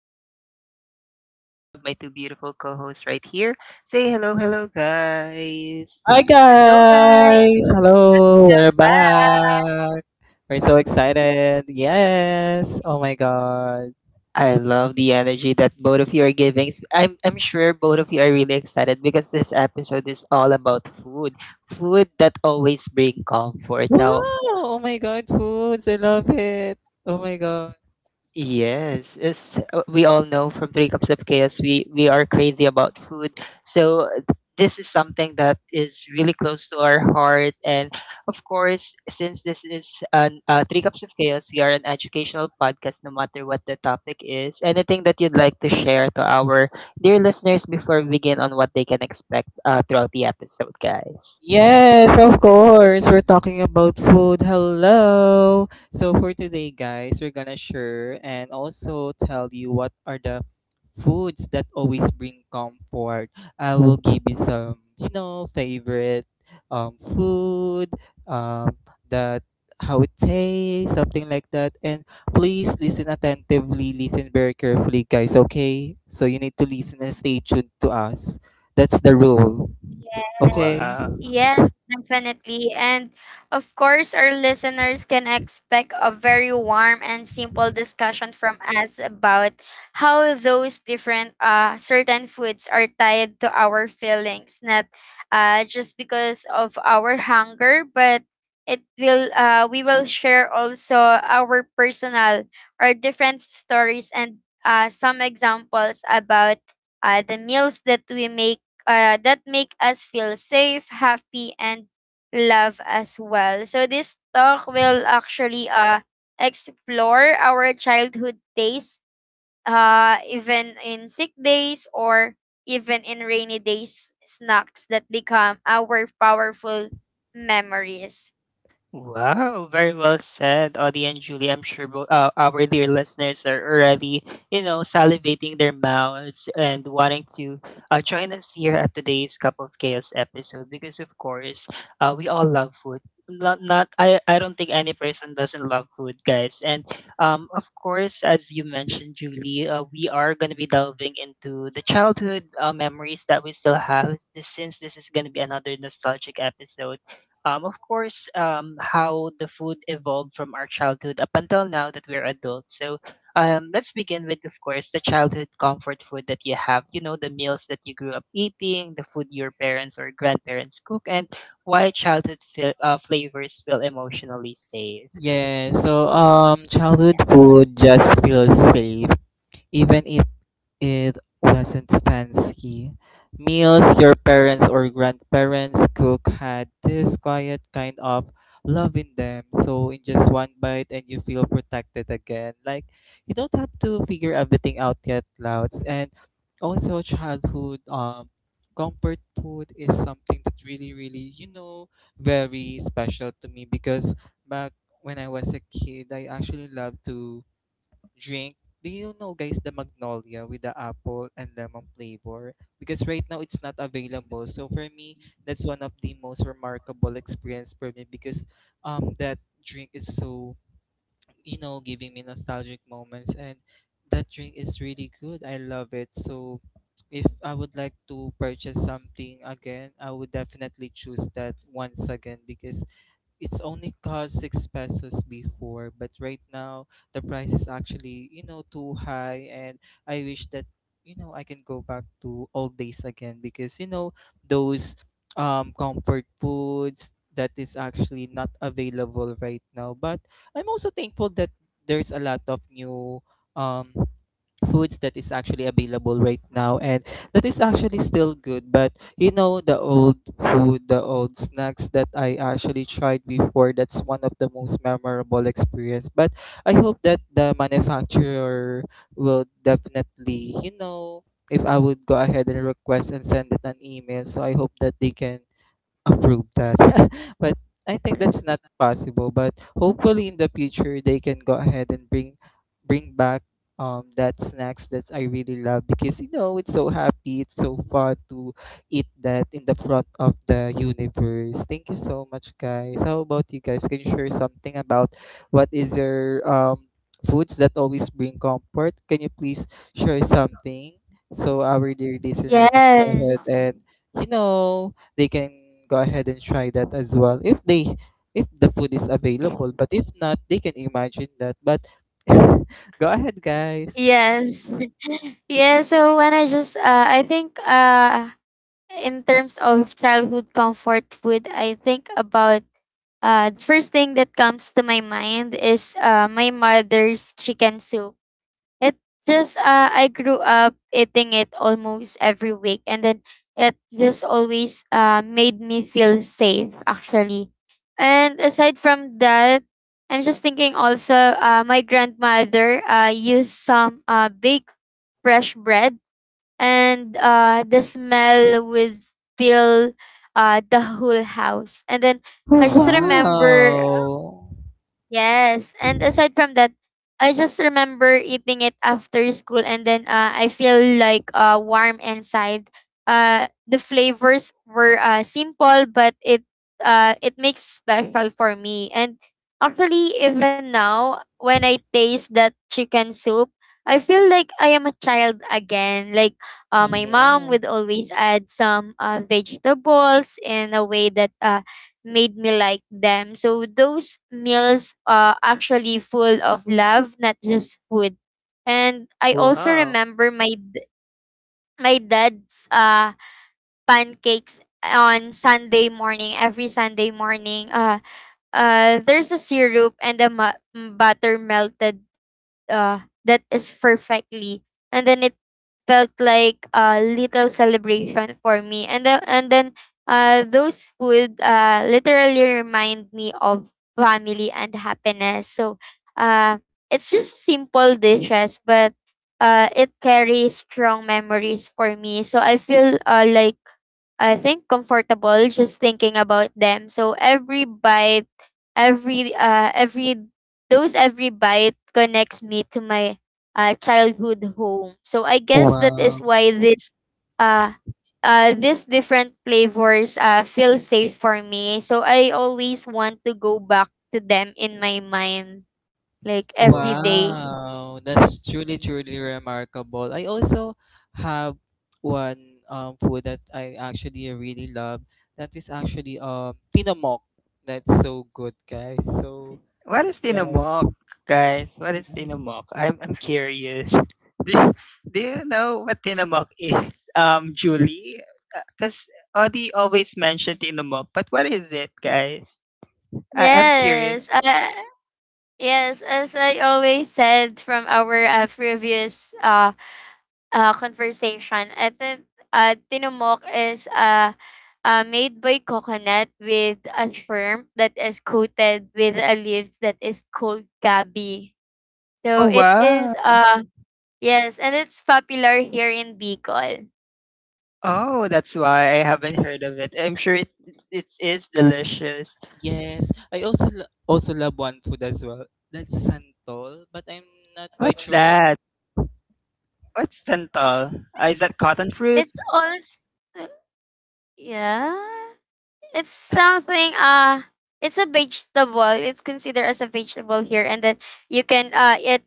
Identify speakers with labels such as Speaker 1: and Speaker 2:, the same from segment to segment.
Speaker 1: Chaos, and as usual, I have my two beautiful co hosts right here. Say hello, hello, guys.
Speaker 2: Hi,
Speaker 3: Hello, guys.
Speaker 2: guys! Hello! We're
Speaker 3: Hi.
Speaker 2: back! We're so excited! Yes! Oh my god!
Speaker 1: I love the energy that both of you are giving. I'm sure both of you are really excited because this episode is all about food. Food that always brings comfort
Speaker 2: Wow!
Speaker 1: now.
Speaker 2: Oh my god, foods! I love it! Oh my god!
Speaker 1: Yes, it's, we all know from Three Cups of Chaos, we are crazy about food. So this is something that is really close to our heart. And of course, since this is an, Three Cups of Chaos, we are an educational podcast no matter what the topic is. Anything that you'd like to share to our dear listeners before we begin on what they can expect throughout the episode, guys?
Speaker 2: Yes, of course. We're talking about food. Hello. So for today, guys, we're gonna share and also tell you what are the foods that always bring comfort. I will give you some, you know, favorite food, um that how it tastes, something like that. And please listen attentively, listen very carefully, guys, okay? So you need to listen and stay tuned to us. That's the rule. Okay?
Speaker 3: Yes,
Speaker 1: Wow.
Speaker 3: yes, definitely. And of course, our listeners can expect a very warm and simple discussion from us about how those different certain foods are tied to our feelings, not just because of our hunger, but it will we will share also our personal or different stories and some examples about the meals that we make that make us feel safe, happy, and love as well. So this talk will actually explore our childhood days, even in sick days or even in rainy days, snacks that become our powerful memories.
Speaker 1: Wow, very well said, Audie and Julie. I'm sure our dear listeners are already, salivating their mouths and wanting to join us here at today's Cup of Chaos episode because, of course, we all love food. Not I don't think any person doesn't love food, guys. And of course, as you mentioned, Julie, we are going to be delving into the childhood memories that we still have. Since this is going to be another nostalgic episode, of course, how the food evolved from our childhood up until now that we're adults. So, let's begin with, of course, the childhood comfort food that you have. You know, the meals that you grew up eating, the food your parents or grandparents cook, and why childhood flavors feel emotionally safe.
Speaker 2: Yeah, childhood food just feels safe, even if it wasn't fancy. Meals your parents or grandparents cook had this quiet kind of love in them. So in just one bite and you feel protected again. Like you don't have to figure everything out yet, Louds. And also childhood comfort food is something that really, you know, very special to me because back when I was a kid I actually loved to drink. Do you know, guys, the Magnolia with the apple and lemon flavor? Because right now it's not available. So for me, that's one of the most remarkable experience for me because that drink is so, you know, giving me nostalgic moments, and that drink is really good. I love it. So if I would like to purchase something again, I would definitely choose that once again because it's only cost 6 pesos before, but right now the price is actually, you know, too high, and I wish that, you know, I can go back to old days again because, you know, those comfort foods that is actually not available right now. But I'm also thankful that there's a lot of new um foods that is actually available right now and that is actually still good, but you know the old food, the old snacks that I actually tried before, that's one of the most memorable experience. But I hope that the manufacturer will definitely, you know, if I would go ahead and request and send it an email, so I hope that they can approve that. But I think that's not possible. But hopefully in the future they can go ahead and bring back that snacks that I really love because you know it's so happy, it's so fun to eat that in the front of the universe. Thank you so much, guys. How about you guys? Can you share something about what is your foods that always bring comfort? Can you please share something so our dear listener can go
Speaker 3: Yes.
Speaker 2: ahead and, you know, they can go ahead and try that as well if they, if the food is available, but if not they can imagine that. But go ahead, guys.
Speaker 3: Yes. Yeah, so when I just I think in terms of childhood comfort food, I think about the first thing that comes to my mind is my mother's chicken soup. It just I grew up eating it almost every week, and then it just always made me feel safe actually. And aside from that, I'm just thinking also my grandmother used some baked fresh bread and the smell would fill the whole house. And then I just
Speaker 1: Wow.
Speaker 3: remember.
Speaker 2: Wow.
Speaker 3: Yes, and aside from that, I just remember eating it after school, and then I feel like warm inside. The flavors were simple, but it makes special for me. And actually, even now, when I
Speaker 2: Mhm.
Speaker 3: taste that chicken soup, I feel like I am a child again. Like my mom
Speaker 1: Yeah.
Speaker 3: would always add some vegetables in a way that made me like them. So those meals are actually full of love, not just food. And I also
Speaker 1: Wow.
Speaker 3: remember my dad's pancakes on Sunday morning, every Sunday morning. There's a syrup and a butter melted that is perfectly, and then it felt like a little celebration for me. And then those food literally remind me of family and happiness. So uh, it's just simple dishes, but it carries strong memories for me. So I feel like I think comfortable just thinking about them. So every bite, every those every bite connects me to my childhood home. So I guess that is
Speaker 2: Wow.
Speaker 3: why this uh these different flavors feel safe for me. So I always want to go back to them in my mind like every
Speaker 1: Wow.
Speaker 3: day.
Speaker 2: Wow. That's truly, truly remarkable. I also have one food that I actually really love. That is actually tinamok. That's so good, guys. So
Speaker 1: What is tinamok, guys? What is
Speaker 2: yeah.
Speaker 1: tinamok? I'm curious. Do you, do you know what tinamok is, Julie? Because Audie always mentioned tinamok, but what is it, guys? I'm curious.
Speaker 3: Yes. Yes, as I always said from our previous conversation. At then, Tinumok is made by coconut with a shrimp that is coated with a leaves that is called gabi. So
Speaker 1: Oh,
Speaker 3: it
Speaker 1: wow!
Speaker 3: is yes, and it's popular here in Bicol.
Speaker 1: Oh, that's why I haven't heard of it. I'm sure it is delicious.
Speaker 2: Yes, I also also love one food as well. That's santol, but I'm not quite
Speaker 1: What's
Speaker 2: sure.
Speaker 1: that? What's santal? Is that cotton fruit?
Speaker 3: It's also yeah. It's something uh it's a vegetable. It's considered as a vegetable here, and then you can eat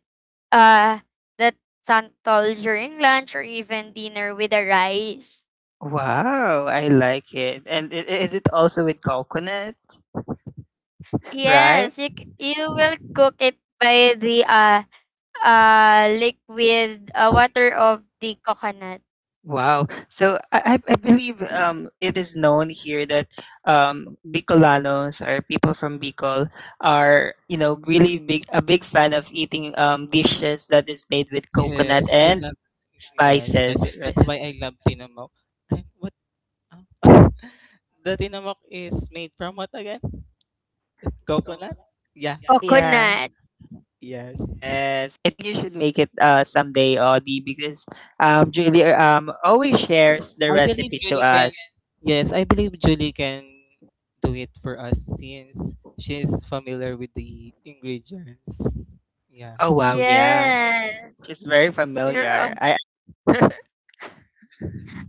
Speaker 3: uh that santol during lunch or even dinner with the rice.
Speaker 1: Wow, I like it. And is it also with coconut, right?
Speaker 3: Yes, you will cook it by the liquid
Speaker 2: Of,
Speaker 3: water of the coconut.
Speaker 1: Wow. So I believe it is known here that Bicolanos or people from Bicol are, you know, really big a big fan of eating dishes that is made with coconut
Speaker 2: yes, I
Speaker 1: and
Speaker 2: love. Yes, I
Speaker 1: spices, right?
Speaker 2: that's why I love tinamook. And what? Uh, the tinamook is made from what again? Coconut. Yeah. Co-
Speaker 1: Yeah.
Speaker 3: Coconut.
Speaker 2: yes.
Speaker 1: Yes, I think you should make it someday, Audie, because Julie always shares the
Speaker 2: I believe
Speaker 1: recipe to
Speaker 2: Julie can.
Speaker 1: us.
Speaker 2: Yes, I believe Julie can do it for us since she's familiar with the ingredients. Yeah.
Speaker 1: Oh wow, yeah,
Speaker 3: Yes.
Speaker 1: she's very
Speaker 3: You're
Speaker 1: familiar. I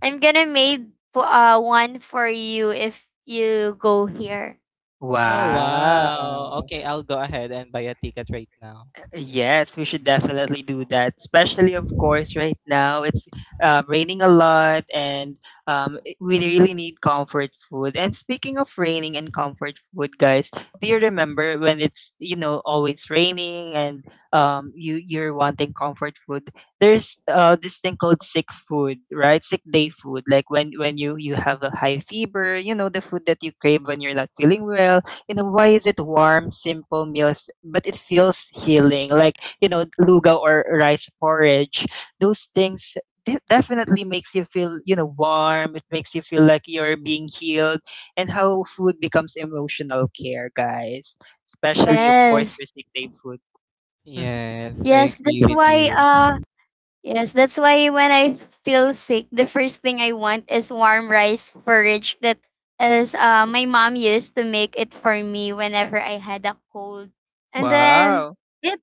Speaker 3: I'm gonna made po- one for you if you go here.
Speaker 2: Oh, wow.
Speaker 1: wow.
Speaker 2: Okay, I'll go ahead and buy a ticket right now.
Speaker 1: Yes, we should definitely do that. Especially, of course, right now it's raining a lot, and we really need comfort food. And speaking of raining and comfort food, guys, do you remember when it's, always raining and you're wanting comfort food? There's this thing called sick food, right? Sick day food, like when you have a high fever. You know the food that you crave when you're not feeling well. Why is it warm, simple meals, but it feels healing? Like, lugaw or rice porridge. Those things definitely makes you feel, warm. It makes you feel like you're being healed, and how food becomes emotional care, guys. Especially, of course,
Speaker 3: Yes.
Speaker 1: for sick day food. Mhm.
Speaker 2: Yes, I
Speaker 3: Yes,
Speaker 2: agree
Speaker 3: that's
Speaker 2: with
Speaker 3: why
Speaker 2: you.
Speaker 3: uh yes, that's why when I feel sick, the first thing I want is warm rice porridge that is my mom used to make it for me whenever I had a cold. And then
Speaker 1: Wow.
Speaker 3: it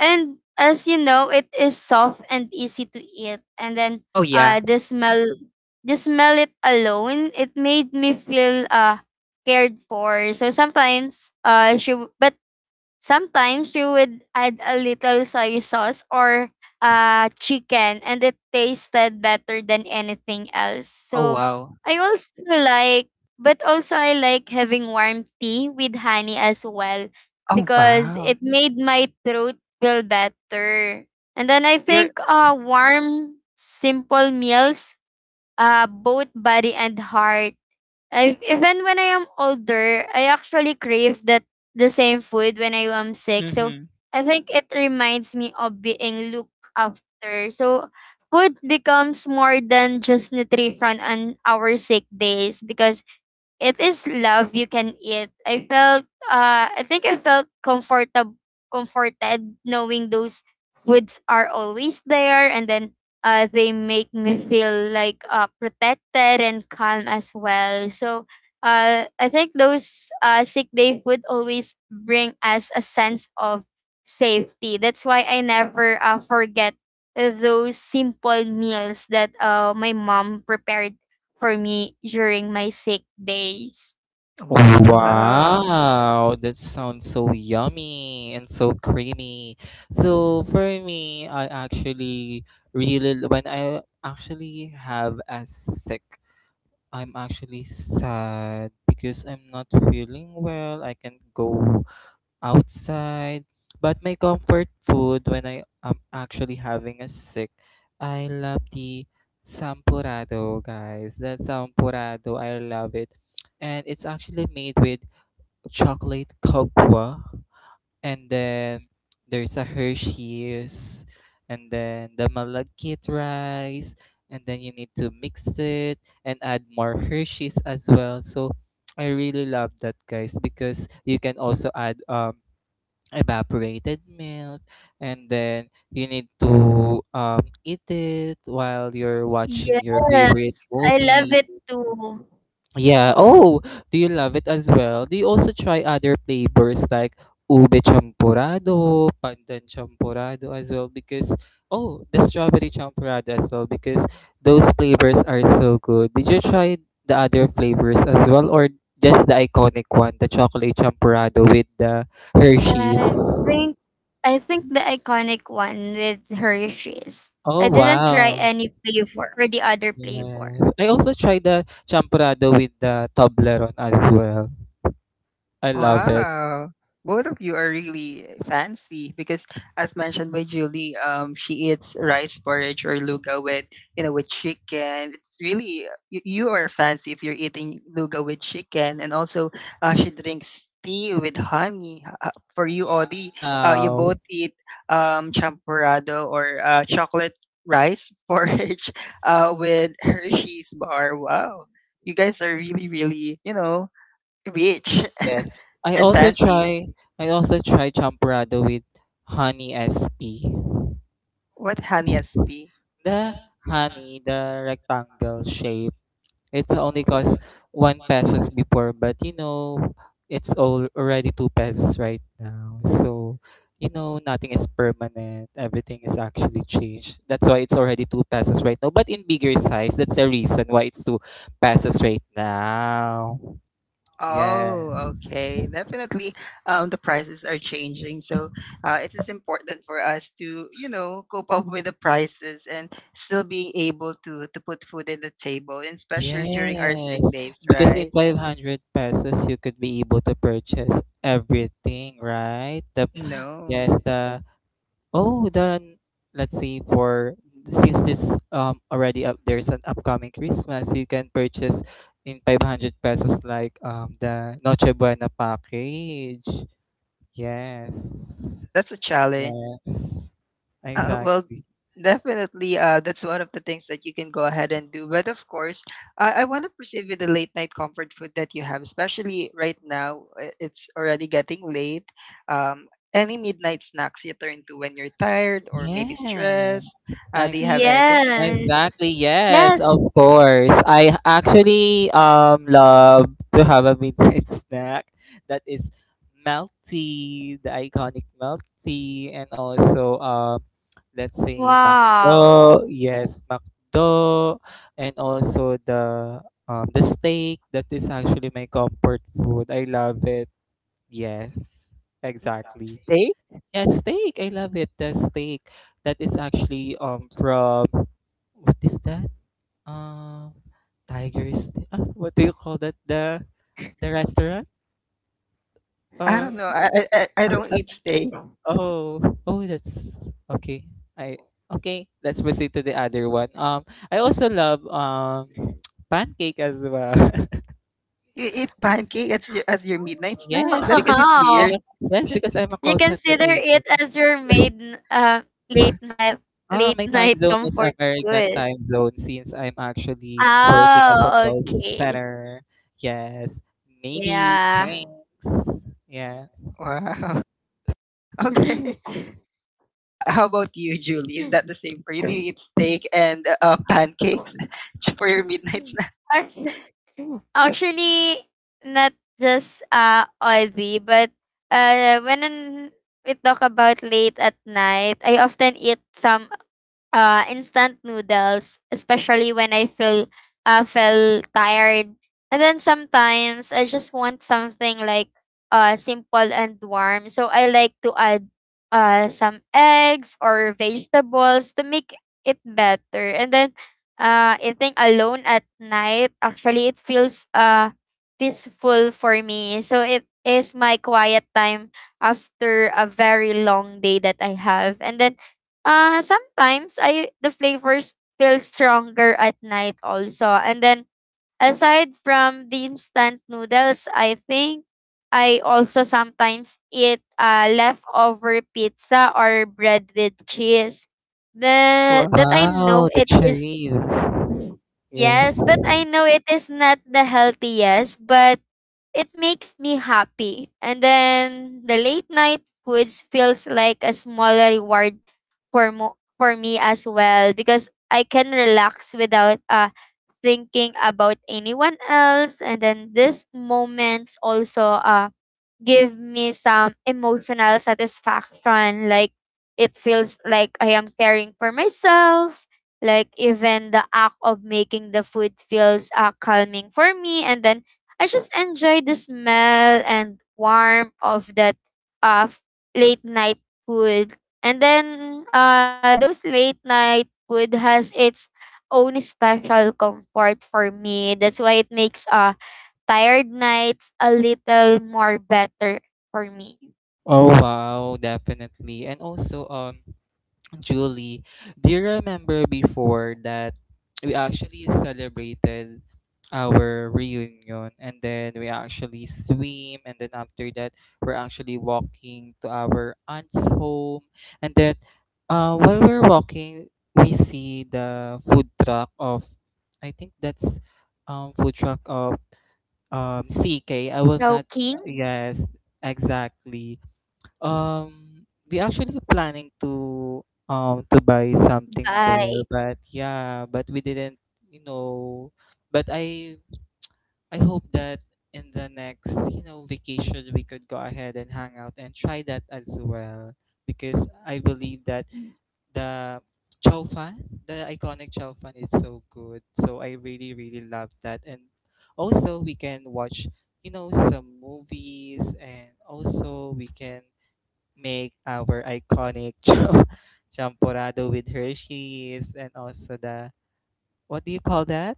Speaker 3: and as you know, it is soft and easy to eat. And then
Speaker 1: Oh, yeah.
Speaker 3: uh the smell the smell it alone, it made me feel cared for. So sometimes she w- but sometimes you would add a little soy sauce or chicken, and it tasted better than anything else.
Speaker 1: Oh,
Speaker 3: So
Speaker 1: wow.
Speaker 3: I also like, but also I like having warm tea with honey as well
Speaker 1: Oh,
Speaker 3: because
Speaker 1: wow.
Speaker 3: it made my throat feel better. And then I
Speaker 1: You're,
Speaker 3: think warm, simple meals, both body and heart. I even when I am older, I actually crave that the same food when I am sick. So
Speaker 1: mm-hmm.
Speaker 3: I think it reminds me of being looked after. So food becomes more than just nutrition on our sick days because it is love you can eat. I think I felt comfortable comforted knowing those foods are always there, and then they make me feel like protected and calm as well. So I think those sick day food always bring us a sense of safety. That's why I never forget those simple meals that my mom prepared for me during my sick days.
Speaker 1: Wow.
Speaker 2: Wow, that sounds so yummy and so creamy. So for me, I actually really when I actually have a sick, I'm actually sad because I'm not feeling well. I can't go outside. But my comfort food when I am actually having a sick, I love the sampurado, guys. That sampurado, I love it. And it's actually made with chocolate cocoa. And then there's a Hershey's. And then the malagkit rice. And then you need to mix it and add more Hershey's as well. So I really love that, guys, because you can also add evaporated milk, and then you need to eat it while you're watching
Speaker 3: Yes,
Speaker 2: your favorite
Speaker 3: I love
Speaker 2: movie.
Speaker 3: it too.
Speaker 2: Yeah. Oh, do you love it as well? Do you also try other flavors like ube champurado, pandan champurado as well? Because oh, the strawberry champurado as well, because those flavors are so good. Did you try the other flavors as well, or just the iconic one, the chocolate champurado with the Hershey's?
Speaker 3: I think I think the iconic one with Hershey's.
Speaker 2: Oh,
Speaker 3: I didn't try
Speaker 2: wow.
Speaker 3: any flavor or the other flavor.
Speaker 2: Yes. I also tried the champurrado with the Toblerone as well. I love it.
Speaker 1: Wow. Both of you are really fancy because as mentioned by Julie, she eats rice porridge or luga with chicken. It's really, you are fancy if you're eating luga with chicken. And also, she drinks tea with honey. For you, Audie, you both
Speaker 2: Wow.
Speaker 1: eat champurrado or chocolate rice porridge with Hershey's bar. Wow. You guys are really, really, rich.
Speaker 2: Yes. I
Speaker 1: And
Speaker 2: also
Speaker 1: fancy.
Speaker 2: try I also try champurrado with honey SP.
Speaker 1: What honey SP?
Speaker 2: The honey, the rectangle shape. It's only cost 1 pesos before, but you know, it's all already 2 pesos right now. So, you know, nothing is permanent. Everything is actually changed. That's why it's already 2 pesos right now. But in bigger size, that's the reason why it's 2 pesos right now.
Speaker 1: Oh,
Speaker 2: Yes.
Speaker 1: okay. Definitely, the prices are changing, so it is important for us to, cope up with the prices and still being able to put food in the table, and especially during our
Speaker 2: Yes,
Speaker 1: sick days,
Speaker 2: because in
Speaker 1: right?
Speaker 2: 500 pesos you could be able to purchase everything, right? The
Speaker 1: No,
Speaker 2: yes, the oh, then let's see. For since this already up there's an upcoming Christmas, you can purchase in 500 pesos like the Noche Buena package. Yes.
Speaker 1: that's a challenge.
Speaker 2: Yes.
Speaker 1: Well,
Speaker 2: Exactly.
Speaker 1: definitely, that's one of the things that you can go ahead and do. But of course, I want to proceed with the late night comfort food that you have, especially right now. It's already getting late. Um, any midnight snacks you turn to when you're tired or
Speaker 2: Yeah.
Speaker 1: maybe stressed? Do you have anything?
Speaker 3: Yes.
Speaker 2: Exactly. Yes, of
Speaker 3: Yes.
Speaker 2: course. I actually love to have a midnight snack that is melty, the iconic melty, and also let's say McDo.
Speaker 3: Wow.
Speaker 2: Yes, McDo, and also the steak that is actually my comfort food. I love it. Yes, exactly.
Speaker 1: Steak?
Speaker 2: Yeah, steak. I love it. The steak that is actually from what is that? Uh, Tiger's what do you call that? The restaurant?
Speaker 1: I
Speaker 2: Uh,
Speaker 1: don't know. I
Speaker 2: uh,
Speaker 1: don't
Speaker 2: uh,
Speaker 1: eat steak.
Speaker 2: oh, oh, that's okay. I okay. Let's proceed to the other one. I also love pancake as well.
Speaker 1: You eat pancake as as your midnight snack?
Speaker 2: Yes,
Speaker 1: That's a
Speaker 2: because
Speaker 1: bit
Speaker 2: I'm
Speaker 1: weird.
Speaker 2: a,
Speaker 3: Wow.
Speaker 2: yes because I'm a
Speaker 3: You
Speaker 2: call center
Speaker 3: consider it
Speaker 2: agent.
Speaker 3: as your maiden late night
Speaker 2: Ah,
Speaker 3: late
Speaker 2: my time
Speaker 3: night
Speaker 2: zone is
Speaker 3: comfort
Speaker 2: American
Speaker 3: food.
Speaker 2: time zone since I'm actually working as a
Speaker 3: Oh,
Speaker 2: call
Speaker 3: okay.
Speaker 2: center. Yes, maybe.
Speaker 3: Yeah.
Speaker 2: Thanks. Yeah.
Speaker 1: Wow. Okay. How about you, Julie? Is that the same for you? Do you eat steak and pancakes for your midnight snack?
Speaker 3: Actu- Actually, not just oily, but when we talk about late at night, I often eat some instant noodles, especially when I feel tired. And then sometimes I just want something like simple and warm. So I like to add some eggs or vegetables to make it better. And then eating alone at night, actually, it feels peaceful for me. So it is my quiet time after a very long day that I have. And then sometimes I the flavors feel stronger at night also. And then aside from the instant noodles, I think I also sometimes eat leftover pizza or bread with cheese. The
Speaker 1: Wow.
Speaker 3: that I know
Speaker 2: Wow, the
Speaker 3: it is
Speaker 2: cherries. Yes.
Speaker 3: yes, but I know it is not the healthiest, but it makes me happy. And then the late night foods feels like a smaller reward for me as well because I can relax without thinking about anyone else, and then these moments also give me some emotional satisfaction. Like it feels like I am caring for myself. Like even the act of making the food feels calming for me, and then I just enjoy the smell and warmth of that uh, f- late night food. And then those late night food has its own special comfort for me. That's why it makes tired nights a little more better for me.
Speaker 2: Oh wow, definitely. And also, Julie, do you remember before that we actually celebrated our reunion, and then we actually swim, and then after that we're actually walking to our aunt's home, and then while we're walking we see the food truck of, I think that's food truck of CK. I will not
Speaker 3: Choking
Speaker 2: yes, exactly. Um, we actually planning to buy something there,
Speaker 3: by
Speaker 2: but yeah, but we didn't, you know, but I hope that in the next, you know, vacation we could go ahead and hang out and try that as well because I believe that the chow fan, the iconic chow fan is so good. So I really, really love that. And also we can watch, you know, some movies, and also we can make our iconic chow champorado with Hershey's and also the what do you call that?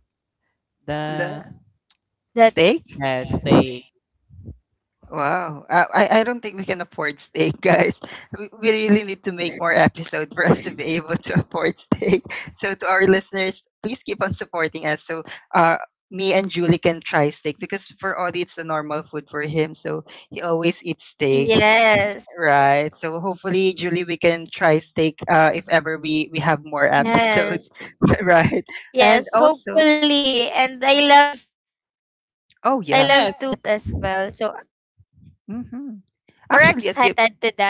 Speaker 1: The
Speaker 2: The
Speaker 3: that
Speaker 1: steak?
Speaker 2: yes, steak.
Speaker 1: Wow. I don't think we can afford steak, guys. We really need to make more episodes for us to be able to afford steak. So, to our listeners, please keep on supporting us so uh, me and Julie can try steak because for Ollie, it's a normal food for him. So, he always eats steak.
Speaker 3: yes.
Speaker 1: Right. So hopefully, Julie, we can try steak if ever we have more episodes.
Speaker 3: Yes.
Speaker 1: Right. And
Speaker 3: Yes,
Speaker 1: also,
Speaker 3: hopefully. And I love to
Speaker 1: oh
Speaker 3: do
Speaker 1: yeah.
Speaker 3: that
Speaker 2: Yes.
Speaker 3: as well. So
Speaker 1: hmm
Speaker 3: we're
Speaker 1: Actually, as you
Speaker 3: excited to that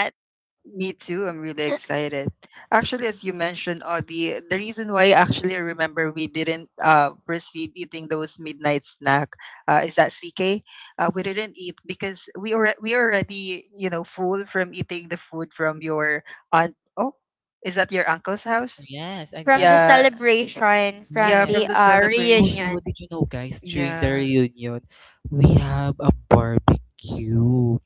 Speaker 1: Me too. I'm really excited. Actually, as you mentioned, oh, the reason why actually I remember we didn't proceed eating those midnight snack is that CK, we didn't eat because we already full from eating the food from your aunt. Oh, is that your uncle's house?
Speaker 2: Yes,
Speaker 3: from the
Speaker 2: exactly.
Speaker 1: Yeah,
Speaker 3: celebration, from
Speaker 1: yeah,
Speaker 2: Yes.
Speaker 1: from
Speaker 3: the
Speaker 1: the
Speaker 2: And also,
Speaker 3: reunion.
Speaker 1: celebration.
Speaker 2: did you know, guys, during the
Speaker 1: Yeah,
Speaker 2: reunion, we have a barbecue.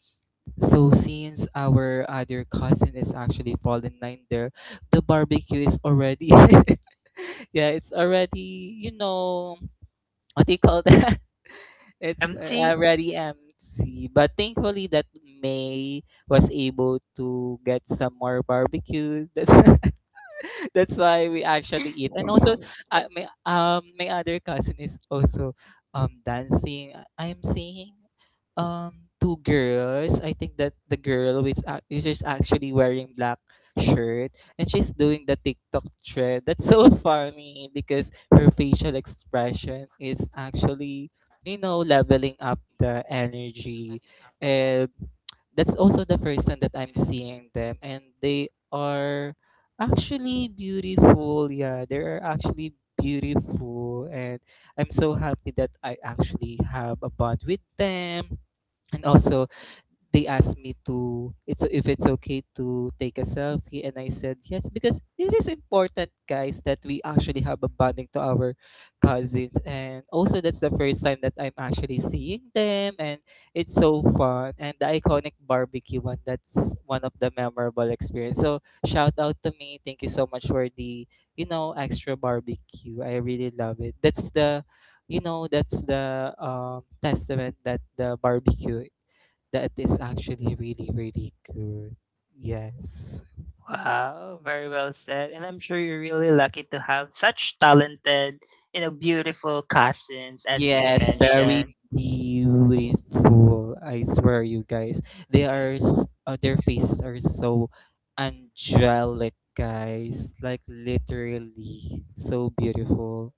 Speaker 2: So, since our other cousin is actually fallen nine there, the barbecue is already, yeah, it's already, you know, what do you call that? It's
Speaker 1: empty.
Speaker 2: already empty. But thankfully that May was able to get some more barbecue. That's that's why we actually eat. And also, my my other cousin is also dancing. I am seeing two girls. I think that the girl which which is actually wearing black shirt, and she's doing the TikTok trend. That's so funny because her facial expression is actually, you know, leveling up the energy. And that's also the first time that I'm seeing them, and they are actually beautiful. Yeah, they are actually beautiful, and I'm so happy that I actually have a bond with them. And also they asked me to, it's if it's okay to take a selfie, and I said yes because it is important, guys, that we actually have a bonding to our cousins. And also that's the first time that I'm actually seeing them, and it's so fun, and the iconic barbecue one, that's one of the memorable experience. So shout out to me, thank you so much for the, you know, extra barbecue. I really love it. That's the, you know, that's the, testament that the barbecue that is actually really, really good. Yes.
Speaker 1: Wow, very well said. And I'm sure you're really lucky to have such talented, beautiful cousins as you've
Speaker 2: Yes, very
Speaker 1: mentioned.
Speaker 2: beautiful. I swear, you guys. They are, their faces are so angelic, guys. Like, literally, so beautiful.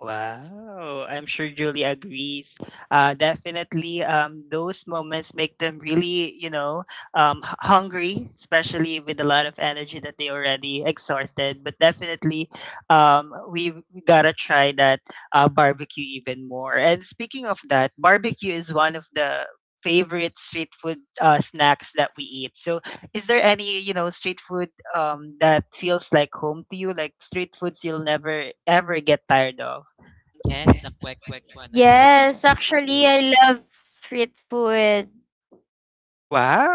Speaker 1: Wow, I'm sure Julie agrees. Definitely, those moments make them really, hungry, especially with a lot of energy that they already exhausted. But definitely, we gotta try that barbecue even more. And speaking of that, barbecue is one of the favorite street food snacks that we eat. So, is there any, street food that feels like home to you, like street foods you'll never ever get tired of?
Speaker 2: Yes, the quack quack one as well.
Speaker 3: Yes, actually I love street food.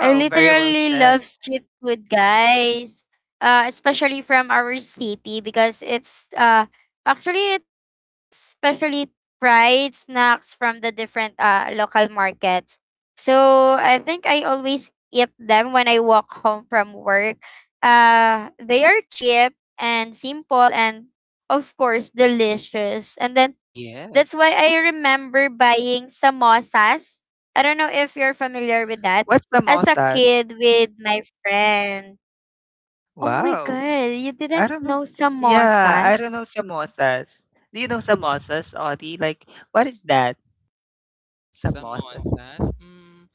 Speaker 3: I
Speaker 1: very well
Speaker 3: literally
Speaker 1: said.
Speaker 3: love street food, guys. Especially from our city because it's actually it's especially fried snacks from the different local markets. So I think I always eat them when I walk home from work. They are cheap and simple and of course delicious. And then that's why I remember buying samosas. I don't know if you're familiar with that.
Speaker 1: What's
Speaker 3: As a
Speaker 1: samosas?
Speaker 3: kid with my friend. Oh my
Speaker 1: Wow.
Speaker 3: god, you
Speaker 1: I
Speaker 3: didn't
Speaker 1: don't know.
Speaker 3: know
Speaker 1: Yeah, I don't
Speaker 3: samosas?
Speaker 1: know samosas. Do you know samosas, Audie? Like, what is that? Samosas.
Speaker 2: Samosas. Mm,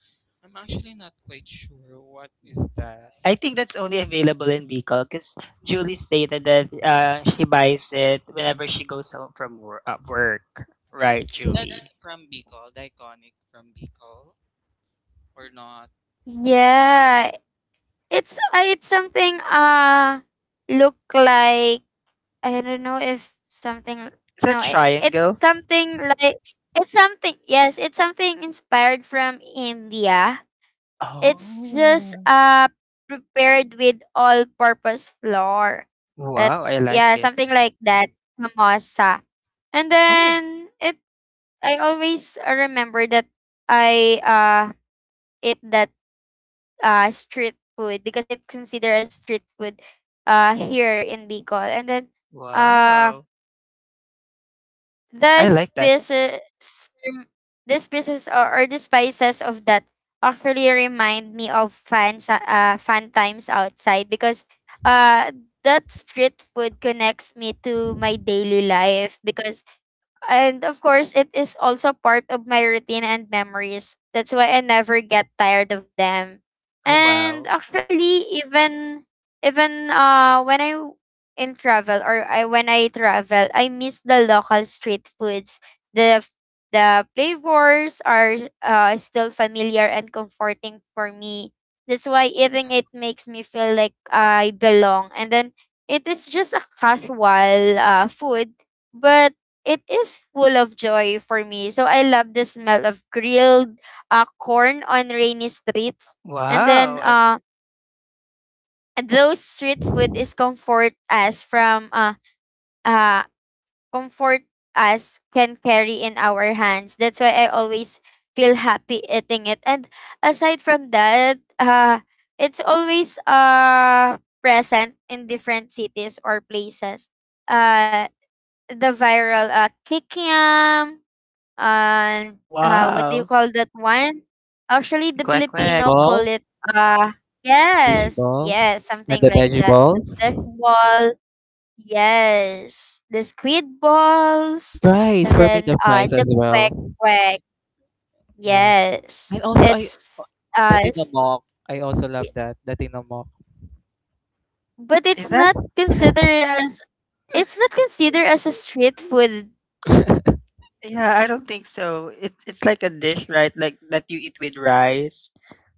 Speaker 2: I'm actually not quite sure what is that.
Speaker 1: I think that's only available in Bicol because Julie stated that she buys it whenever she goes home from work.
Speaker 2: Yes.
Speaker 1: Right,
Speaker 2: Is
Speaker 1: Julie?
Speaker 2: that
Speaker 1: Is
Speaker 2: from Bicol? The iconic from Bicol? Or not.
Speaker 3: Yeah, it's something look like. I don't know if something
Speaker 1: that
Speaker 3: no it, it's
Speaker 1: triangle?
Speaker 3: something like it's something yes, it's something inspired from India. It's just
Speaker 1: Oh,
Speaker 3: prepared with all purpose flour. But
Speaker 1: wow. I like
Speaker 3: yeah,
Speaker 1: it.
Speaker 3: something like that. Samosa. And
Speaker 1: Oh,
Speaker 3: then it I always remember that I ate that street food because it's considered as street food here in Bicol. And then uh
Speaker 1: wow.
Speaker 3: the
Speaker 1: I like that.
Speaker 3: spices the spices or the spices of that actually remind me of fun times outside because
Speaker 2: Mhm.
Speaker 3: uh that street food connects me to my daily life because. And of course, it is also part of my routine and memories. That's why I never get tired of them.
Speaker 1: Oh,
Speaker 3: And
Speaker 1: wow.
Speaker 3: actually, even in travel, or I when I travel, I miss the local street foods. The f- the flavors are still familiar and comforting for me. That's why eating
Speaker 2: Yeah,
Speaker 3: it makes me feel like I belong. And then it is just a casual food, but it is full of joy for me. So I love the smell of grilled corn on rainy streets. And then
Speaker 1: Wow.
Speaker 3: those street food is comfort us from uh, comfort us can carry in our hands. That's why I always feel happy eating it. And aside from that, it's always present in different cities or places. Uh, the viral kikiam and what do you
Speaker 1: Wow.
Speaker 3: call that one? Actually, the
Speaker 1: Quack
Speaker 2: fish
Speaker 1: quack.
Speaker 3: Filipino call
Speaker 2: ball,
Speaker 3: it uh
Speaker 2: fish
Speaker 3: yes,
Speaker 2: ball,
Speaker 3: yes,
Speaker 2: and
Speaker 3: something
Speaker 2: the
Speaker 3: like
Speaker 2: veggie
Speaker 3: that. The
Speaker 2: balls.
Speaker 3: fish ball, yes, the squid
Speaker 2: The
Speaker 3: balls,
Speaker 2: fries
Speaker 3: and
Speaker 2: for me,
Speaker 3: then
Speaker 2: the fries
Speaker 3: the
Speaker 2: as
Speaker 3: quack
Speaker 2: well.
Speaker 3: quack,
Speaker 2: Yeah,
Speaker 3: yes.
Speaker 2: and also I uh, the tinamok. I also love
Speaker 3: I-
Speaker 2: that the tinamok.
Speaker 3: but it's
Speaker 1: Is that?
Speaker 3: not considered as a street food.
Speaker 1: Yeah, I don't think so. It's like a dish, right? Like that you eat with rice.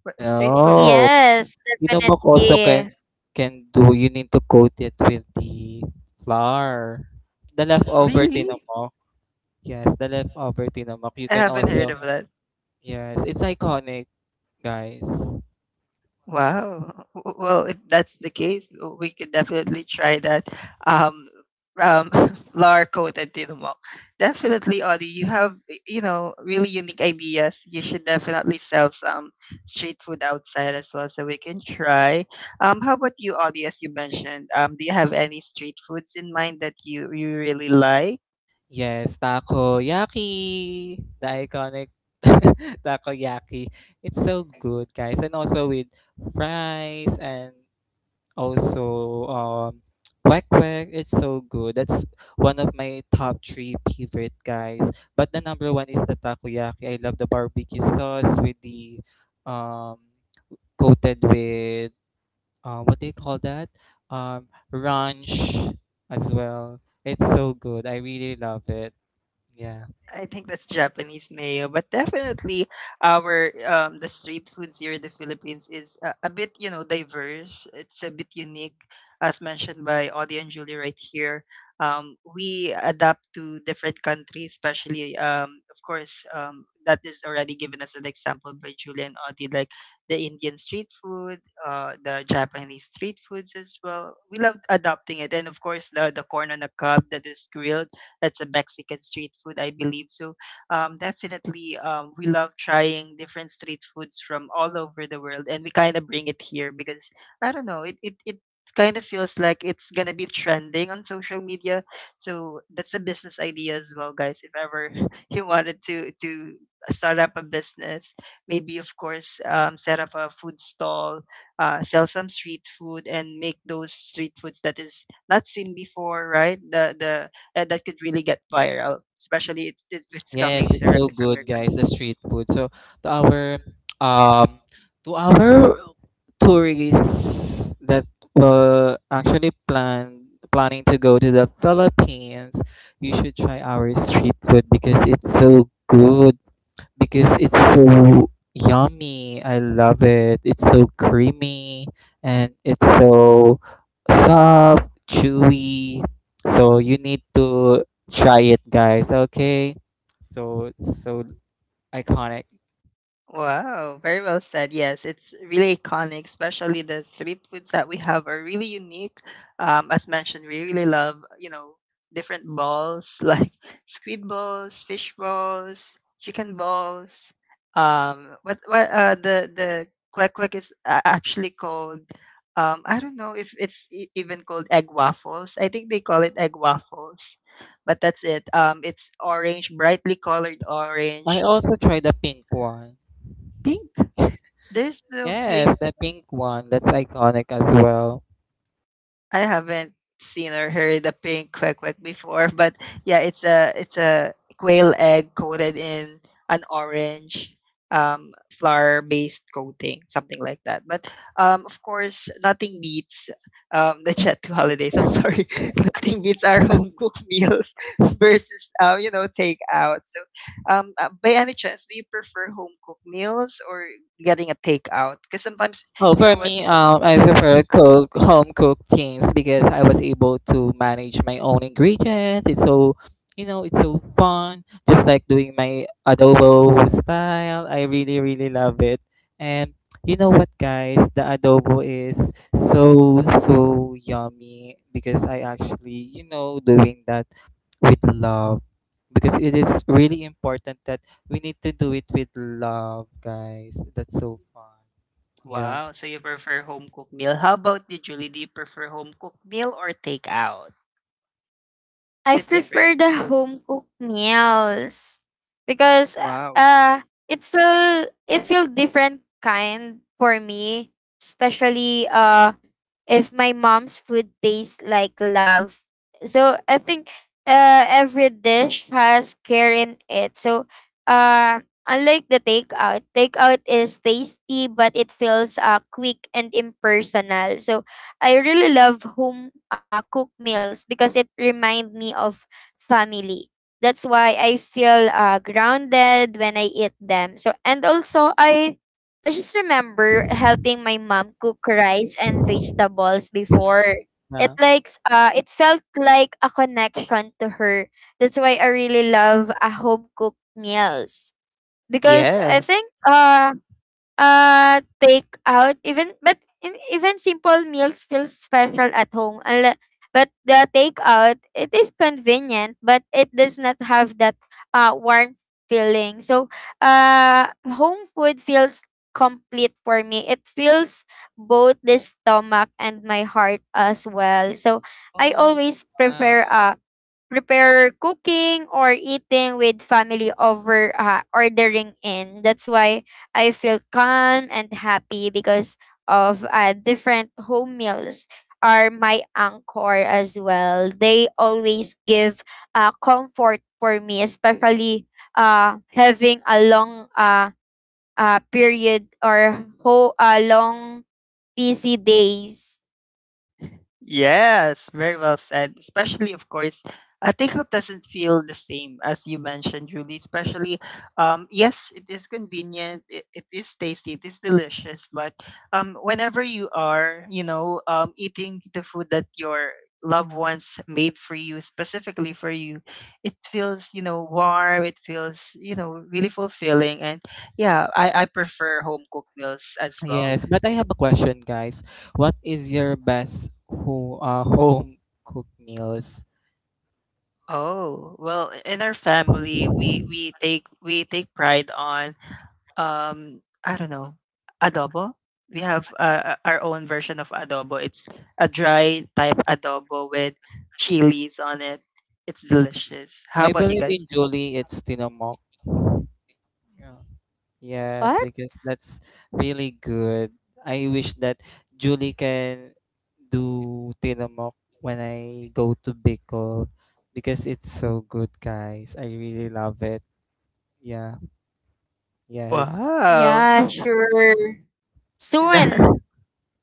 Speaker 1: But street food is
Speaker 2: No,
Speaker 3: Yes,
Speaker 2: tinamok also
Speaker 3: definitely.
Speaker 2: can do. You need to coat it with the flour. The leftover
Speaker 1: really?
Speaker 2: tinamok. Yes, the leftover tinamok. You
Speaker 1: I
Speaker 2: can
Speaker 1: haven't heard
Speaker 2: also,
Speaker 1: of that.
Speaker 2: yes, it's iconic, guys.
Speaker 1: Wow. Well, if that's the case, we could definitely try that. Um, um, flour coated tinumak. Definitely, Audie, you have really unique ideas. You should definitely sell some street food outside as well, so we can try. How about you, Audie? As you mentioned, do you have any street foods in mind that you really like?
Speaker 2: Yes, takoyaki, the iconic takoyaki. It's so good, guys. And also with fries and also kwek kwek, it's so good. That's one of my top three favorite, guys. But the number one is the takoyaki. I love the barbecue sauce with the um coated with what do you call that? Ranch as well. It's so good. I really love it. Yeah.
Speaker 1: I think that's Japanese mayo, but definitely our the street foods here in the Philippines is a bit, diverse. It's a bit unique, as mentioned by Audie and Julie right here. We adapt to different countries, especially of course that is already given as an example by Julie and Audie, like the Indian street food, the Japanese street foods as well. We love adopting it, and of course the corn on the cob that is grilled. That's a Mexican street food, I believe. So definitely, we love trying different street foods from all over the world, and we kind of bring it here because I don't know, it kind of feels like it's gonna be trending on social media. So that's a business idea as well, guys. If ever you wanted to start up a business, maybe of course set up a food stall, sell some street food, and make those street foods that is not seen before, right? The That could really get viral, especially if it's
Speaker 2: Yes,
Speaker 1: coming
Speaker 2: it's so
Speaker 1: directly from your
Speaker 2: good, guys. The
Speaker 1: content.
Speaker 2: street food. So to our um to our tourists that were actually planning to go to the Philippines, you should try our street food because it's so good because it's so yummy. I love it. It's so creamy and it's so soft, chewy. So you need to try it, guys. Okay. So it's so iconic.
Speaker 1: Wow, very well said. Yes, it's really iconic, especially the street foods that we have are really unique. As mentioned, we really love, different balls like squid balls, fish balls, chicken balls. What the kwek kwek is actually called I don't know if it's even called egg waffles. I think they call it egg waffles. But that's it. It's orange, brightly colored
Speaker 2: I
Speaker 1: orange.
Speaker 2: also tried the pink one.
Speaker 1: Pink? There's no pink.
Speaker 2: Yes, the pink one. That's iconic as well.
Speaker 1: I haven't seen or heard a pink quack quack before, but yeah, it's a quail egg coated in an orange flour based coating, something like that. But of course nothing beats the chat to holidays. I'm sorry. Nothing beats our home cooked meals versus takeout. So by any chance do you prefer home cooked meals or getting a takeout? Because sometimes
Speaker 2: Oh,
Speaker 1: you
Speaker 2: for
Speaker 1: know what.
Speaker 2: me, I prefer cook home cooked things because I was able to manage my own ingredients. It's so, you know, it's so fun. Just like doing my adobo style, I really, really love it. And you know what, guys, the adobo is so, so yummy because I actually, you know, doing that with love because it is really important that we need to do it with love, guys. That's so fun. Yeah.
Speaker 1: Wow, so you prefer home cooked meal. How about you, Julie? Do you prefer home cooked meal or takeout? Because
Speaker 3: I
Speaker 1: it
Speaker 3: prefer
Speaker 1: differs.
Speaker 3: the home cooked meals because
Speaker 1: Wow.
Speaker 3: uh it feel different kind for me, especially if my mom's food tastes like love. So I think every dish has care in it. So uh, unlike the takeout, takeout is tasty, but it feels quick and impersonal. So I really love home cooked meals because it reminds me of family. That's why I feel grounded when I eat them. So and also I just remember helping my mom cook rice and vegetables before. It
Speaker 2: Yeah.
Speaker 3: likes it felt like a connection to her. That's why I really love a home cooked meals. Because I
Speaker 1: Yeah.
Speaker 3: think take out even even simple meals feel special at home. But the takeout, it is convenient, but it does not have that warm feeling. So, home food feels complete for me. It fills both the stomach and my heart as well. So, I
Speaker 2: Oh,
Speaker 3: always
Speaker 2: wow.
Speaker 3: prefer prepare cooking or eating with family over ordering in. That's why I feel calm and happy because of different home meals are my anchor as well. They always give comfort for me, especially having a long period or long busy days.
Speaker 1: Yes, very well said. Especially, of course, a takeout doesn't feel the same as you mentioned, Julie. Especially, yes, it is convenient, it is tasty, it is delicious. But whenever you are, you know, eating the food that your loved ones made for you, specifically for you, it feels, you know, warm. It feels, you know, really fulfilling. And yeah, I prefer home cooked meals as well.
Speaker 2: Yes, but I have a question, guys. What is your best ho home cooked meals?
Speaker 1: Oh, well, in our family, we take pride on, I don't know, adobo. We have our own version of adobo. It's a dry type adobo with chilies on it. It's delicious. How
Speaker 2: I
Speaker 1: about you
Speaker 2: believe
Speaker 1: guys?
Speaker 2: in Julie, it's tinomok. Yeah. Yes,
Speaker 3: What?
Speaker 2: because that's really good. I wish that Julie can do tinomok when I go to Bicol because it's so good, guys. I really love it. Yeah. Yes.
Speaker 1: Wow.
Speaker 3: Yeah, sure.
Speaker 1: Is that
Speaker 3: Soon.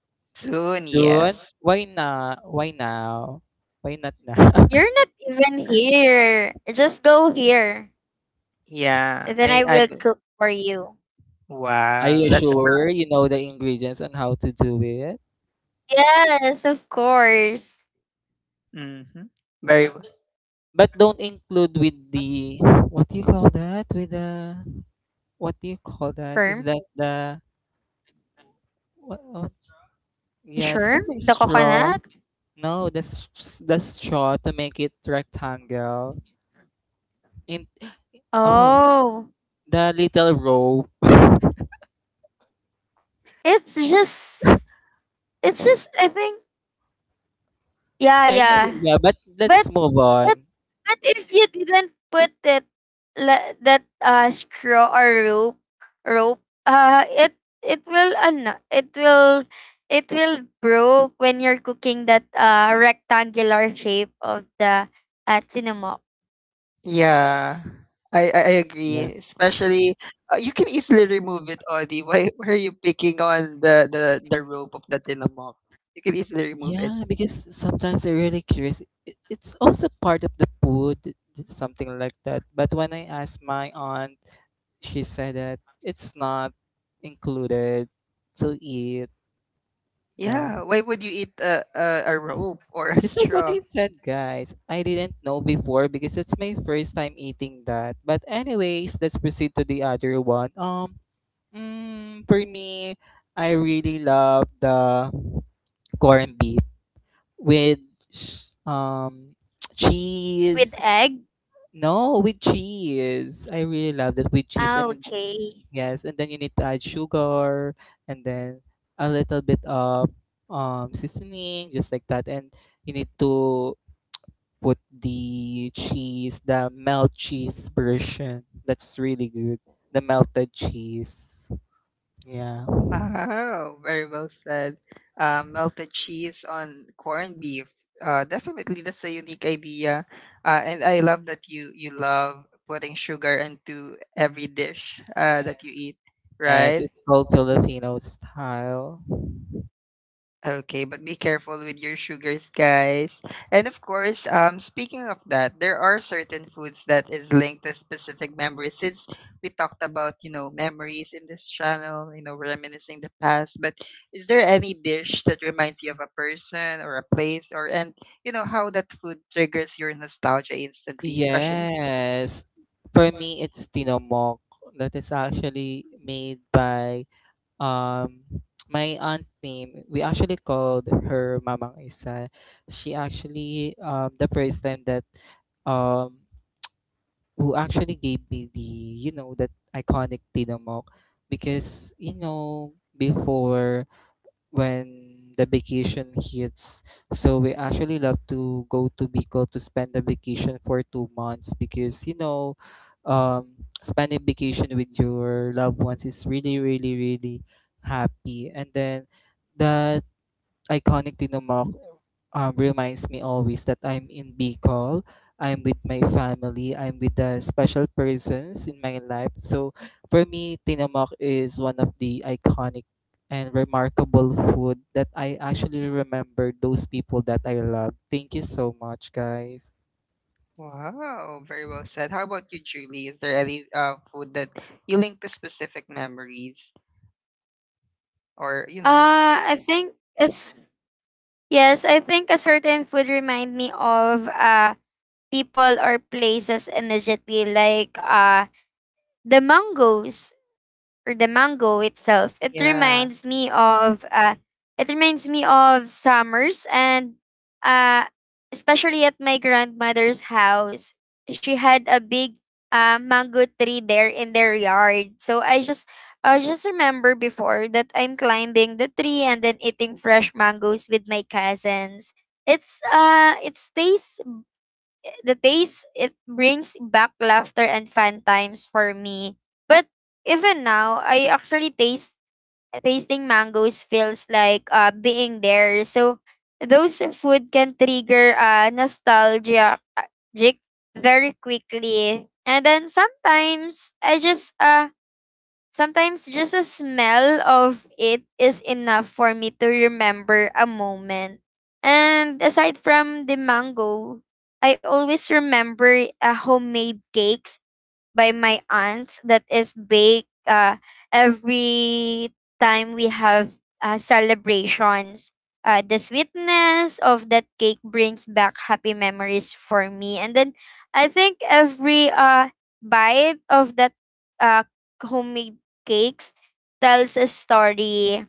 Speaker 1: soon?
Speaker 2: Soon?
Speaker 1: Yes.
Speaker 2: Why not? Why not now?
Speaker 3: You're not even here. Just go here.
Speaker 1: Yeah.
Speaker 3: And then I will cook for you.
Speaker 2: Are
Speaker 1: Wow.
Speaker 2: you
Speaker 1: That's a
Speaker 2: sure you know the ingredients and how to do it?
Speaker 3: Yes, of course.
Speaker 1: mm-hmm. Very well.
Speaker 2: But don't include with the, what do you call that? With the, what do you call that? Is
Speaker 3: Shrimp?
Speaker 2: that the what yeah, it's not
Speaker 3: Shrimp?
Speaker 2: a
Speaker 3: The
Speaker 2: straw.
Speaker 3: coconut?
Speaker 2: No, the the straw to make it rectangle. In, oh,
Speaker 3: Oh.
Speaker 2: the little rope.
Speaker 3: It's just it's just I think yeah,
Speaker 2: I think
Speaker 3: yeah.
Speaker 2: yeah, but let's
Speaker 3: But
Speaker 2: move
Speaker 3: But
Speaker 2: on.
Speaker 3: but if you didn't put it that straw or rope it will ano it will broke when you're cooking that rectangular shape of the cinnamon
Speaker 1: Yeah, I
Speaker 2: Yes.
Speaker 1: agree. Especially, you can easily remove it, Audie. Why are you picking on the rope of the tilamok? You can easily remove it.
Speaker 2: Yeah, because sometimes I are really curious. It- It's also part of the food, something like that. But when I asked my aunt, she said that it's not included to eat. Yeah.
Speaker 1: Yeah, why would you eat a rope or a
Speaker 2: Just like what
Speaker 1: straw?
Speaker 2: I said, guys, I didn't know before because it's my first time eating that. But anyways, let's proceed to the other one. For me, I really love the corned beef with sh- um
Speaker 3: with
Speaker 2: cheese.
Speaker 3: egg.
Speaker 2: No, with cheese. I really love that with cheese.
Speaker 3: Ah,
Speaker 2: And then,
Speaker 3: okay.
Speaker 2: yes, and then you need to add sugar and then a little bit of seasoning, just like that. And you need to put the cheese, the melt cheese version. That's really good. The melted cheese. Yeah.
Speaker 1: Wow, very well said. Melted cheese on corned beef. Definitely, that's a unique idea. And I love that you love putting sugar into every dish that you eat,
Speaker 2: Yes,
Speaker 1: right?
Speaker 2: it's called Filipino style.
Speaker 1: Okay, but be careful with your sugars, guys. And of course, speaking of that, there are certain foods that is linked to specific memories. Since we talked about, you know, memories in this channel, you know, reminiscing the past. But is there any dish that reminds you of a person or a place, or and you know how that food triggers your nostalgia instantly, especially?
Speaker 2: Yes. For me, it's tinomok. That is actually made by um my aunt name, we actually called her Mamang Isa. She actually, the first time that, um who actually gave me the, you know, that iconic tinamok, because you know before, when the vacation hits. So we actually love to go to Bicol to spend the vacation for 2 months because you know, um, spending vacation with your loved ones is really, really, really happy. And then the iconic Tinomak, reminds me always that I'm in Bicol. I'm with my family. I'm with the special persons in my life. So for me, Tinamak is one of the iconic and remarkable food that I actually remember those people that I love. Thank you so much, guys.
Speaker 1: Wow, very well said. How about you, Julie? Is there any food that you link to specific memories, or you know?
Speaker 3: I think yes, yes. I think a certain food remind me of people or places immediately, like the mangoes, or the mango itself. It
Speaker 1: Yeah.
Speaker 3: reminds me of summers and, uh, especially at my grandmother's house, she had a big, mango tree there in their yard. So I just remember before that I'm climbing the tree and then eating fresh mangoes with my cousins. It's it stays the taste. It brings back laughter and fun times for me. But even now, I actually taste tasting mangoes feels like being there. So those food can trigger nostalgia jic- very quickly. And then sometimes just a smell of it is enough for me to remember a moment. And aside from the mango, I always remember a homemade cake by my aunt that is baked every time we have celebrations. The sweetness of that cake brings back happy memories for me. And then I think every bite of that uh, homemade cakes tells a story.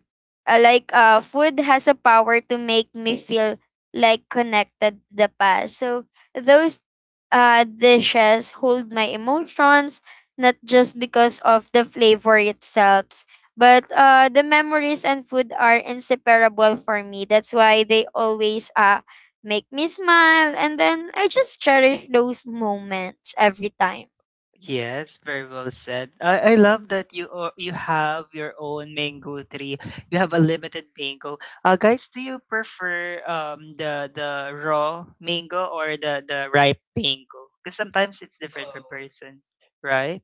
Speaker 3: Like food has a power to make me feel like connected to the past. So those dishes hold my emotions, not just because of the flavor itself, but the memories and food are inseparable for me. That's why they always make me smile, and then I just cherish those moments every time.
Speaker 1: Yes, very well said. I love that you have your own mango tree. You have a limited mango. Guys, do you prefer the raw mango or the ripe mango? Because sometimes it's different for persons, right?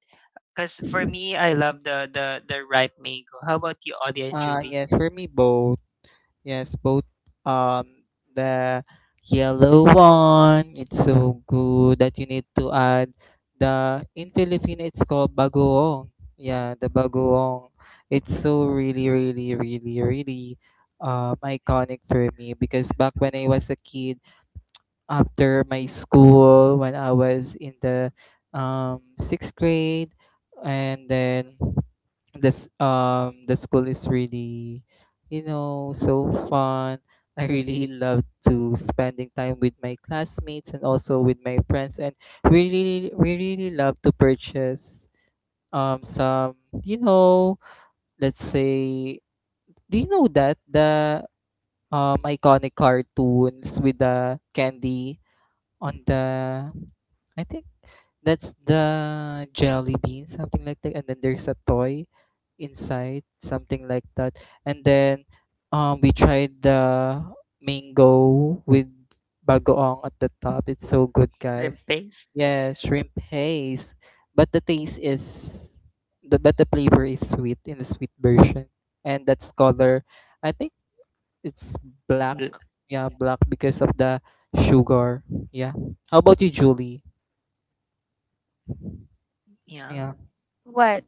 Speaker 1: Because for me, I love the ripe mango. How about you, Audie and Julie?
Speaker 2: Yes, for me both. Yes, both, um the yellow one. It's so good that you need to add the, in Filipino it's called bagoong. Yeah, the bagoong. It's so really, really, really, really iconic for me because back when I was a kid, after my school when I was in the, sixth grade, and then this, the school is really, you know, so fun. I really love to spending time with my classmates and also with my friends, and we really love to purchase some, you know, let's say, do you know that the, iconic cartoons with the candy on the, I think that's the jelly bean, something like that. And then there's a toy inside, something like that. And then, we tried the mango with bagoong at the top. It's so good, guys.
Speaker 1: Shrimp paste.
Speaker 2: Yeah, shrimp haze. But the taste is the but the flavor is sweet in the sweet version. And that's color. I think it's black. Yeah, black because of the sugar. Yeah. How about you, Julie?
Speaker 1: Yeah.
Speaker 2: Yeah.
Speaker 3: What?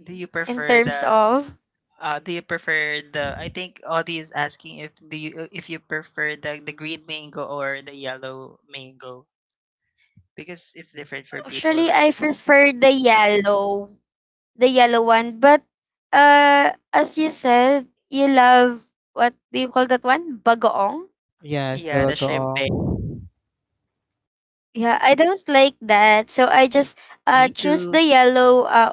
Speaker 1: Do you
Speaker 3: In
Speaker 1: prefer
Speaker 3: terms
Speaker 1: the.
Speaker 3: of?
Speaker 1: Do you prefer the? I think Audie is asking if do you if you prefer the green mango or the yellow mango because it's different for people,
Speaker 3: Actually,
Speaker 1: right?
Speaker 3: I prefer the yellow one, but as you said, you love what do you call that one? Bagoong?
Speaker 2: Yes, the
Speaker 1: Yeah, the shrimp. Egg.
Speaker 2: bagoong.
Speaker 3: Yeah, I don't like that. So I just
Speaker 1: Me
Speaker 3: choose
Speaker 1: too.
Speaker 3: the yellow uh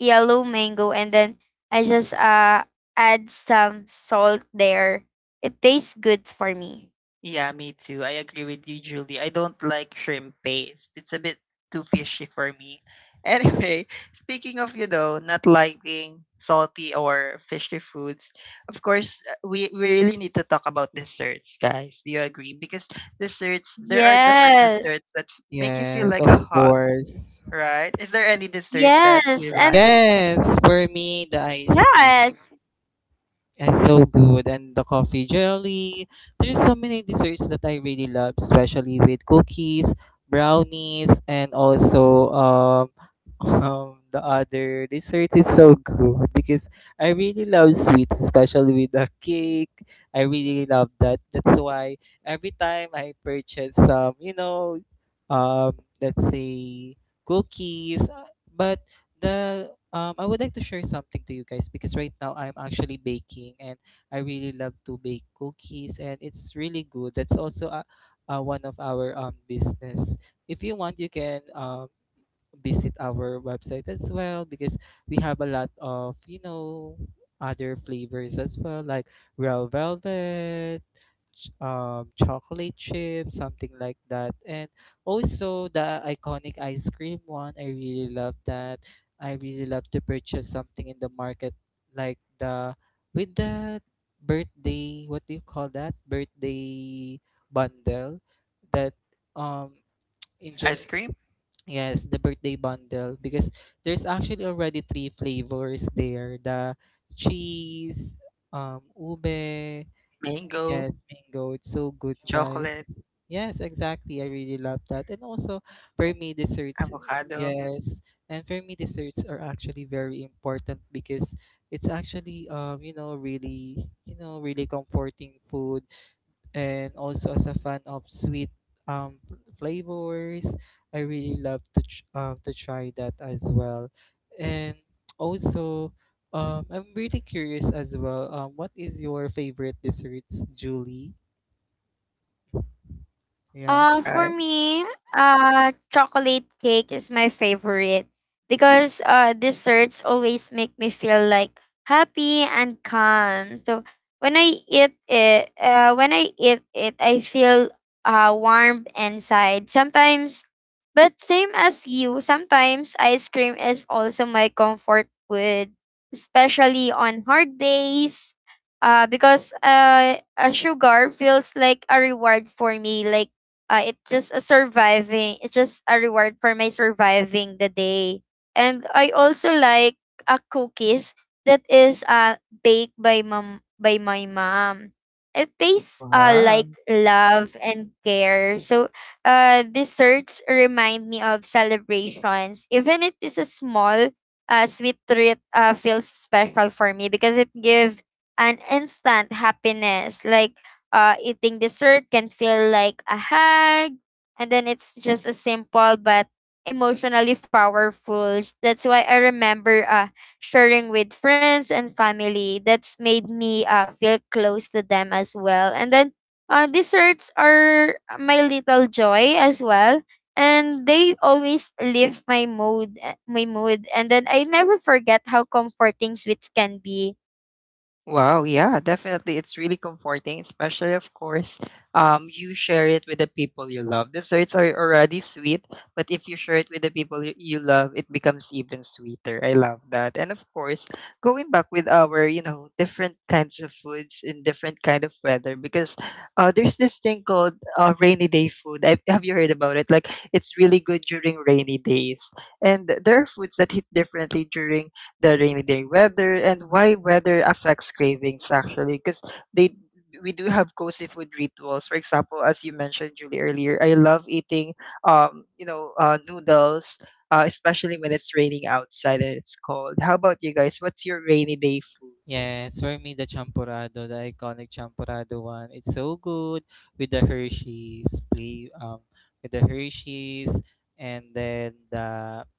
Speaker 3: yellow mango and then I just add some salt there. It tastes good for me.
Speaker 1: Yeah, me too. I agree with you, Julie. I don't like shrimp paste. It's a bit too fishy for me. Anyway, speaking of, you know, not liking salty or fishy foods, of course, we really need to talk about desserts, guys. Do you agree? Because desserts, there are different
Speaker 3: Yes.
Speaker 1: desserts that make you feel
Speaker 2: Yes,
Speaker 1: like a
Speaker 2: of
Speaker 1: hug,
Speaker 2: course.
Speaker 1: right? Is there any dessert that
Speaker 3: Yes.
Speaker 1: you
Speaker 3: And
Speaker 1: like?
Speaker 2: Yes, for me, the ice cream.
Speaker 3: yes.
Speaker 2: It's so good. And the coffee jelly. There's so many desserts that I really love, especially with cookies, brownies, and also the other dessert is so good because I really love sweets, especially with the cake. I really love that. That's why every time I purchase some, you know, um, let's say cookies, but the I would like to share something to you guys because right now I'm actually baking and I really love to bake cookies and it's really good. That's also a, one of our business. If you want, you can visit our website as well because we have a lot of, you know, other flavors as well like real velvet, chocolate chip, something like that. And also the iconic ice cream one, I really love that. I really love to purchase something in the market like the, with the birthday, what do you call that? Birthday bundle that, um in
Speaker 1: Ice cream,
Speaker 2: Yes, the birthday bundle because there's actually already three flavors there. The cheese, ube,
Speaker 1: mango,
Speaker 2: yes, mango. It's so good, guys.
Speaker 1: chocolate,
Speaker 2: Yes, exactly. I really love that. And also, for me, desserts,
Speaker 1: avocado,
Speaker 2: yes. And for me, desserts are actually very important because it's actually, you know, really comforting food and also as a fan of sweet flavors. I really love to to try that as well. And also, I'm really curious as well, what is your favorite desserts, Julie? Yeah.
Speaker 3: For
Speaker 1: right?
Speaker 3: me, chocolate cake is my favorite because desserts always make me feel like happy and calm. So when I eat it, I feel warm inside. Sometimes, but same as you, sometimes ice cream is also my comfort food, especially on hard days. Because a sugar feels like a reward for me, like it's just a reward for my surviving the day. And I also like a cookies that is baked by mom by my mom. It tastes like love and care. So desserts remind me of celebrations. Even it is a small sweet treat, feels special for me because it gives an instant happiness, like eating dessert can feel like a hug. And then it's just a simple but emotionally powerful. That's why I remember sharing with friends and family. That's made me feel close to them as well. And then desserts are my little joy as well. And they always lift my mood, my mood. And then I never forget how comforting sweets can be.
Speaker 1: Wow, yeah, definitely. It's really comforting, especially of course, you share it with the people you love. The desserts are already sweet, but if you share it with the people you love, it becomes even sweeter. I love that. And of course, going back with our, you know, different kinds of foods in different kind of weather, because there's this thing called rainy day food. I, have you heard about it? Like it's really good during rainy days, and there are foods that hit differently during the rainy day weather and why weather affects cravings actually because they we do have cozy food rituals, for example, as you mentioned Julie earlier, I love eating noodles, especially when it's raining outside and it's cold. How about you guys? What's your rainy day food?
Speaker 2: Yes, for me, the champorado, the iconic champorado one, it's so good with the Hershey's play, with the Hershey's, and then the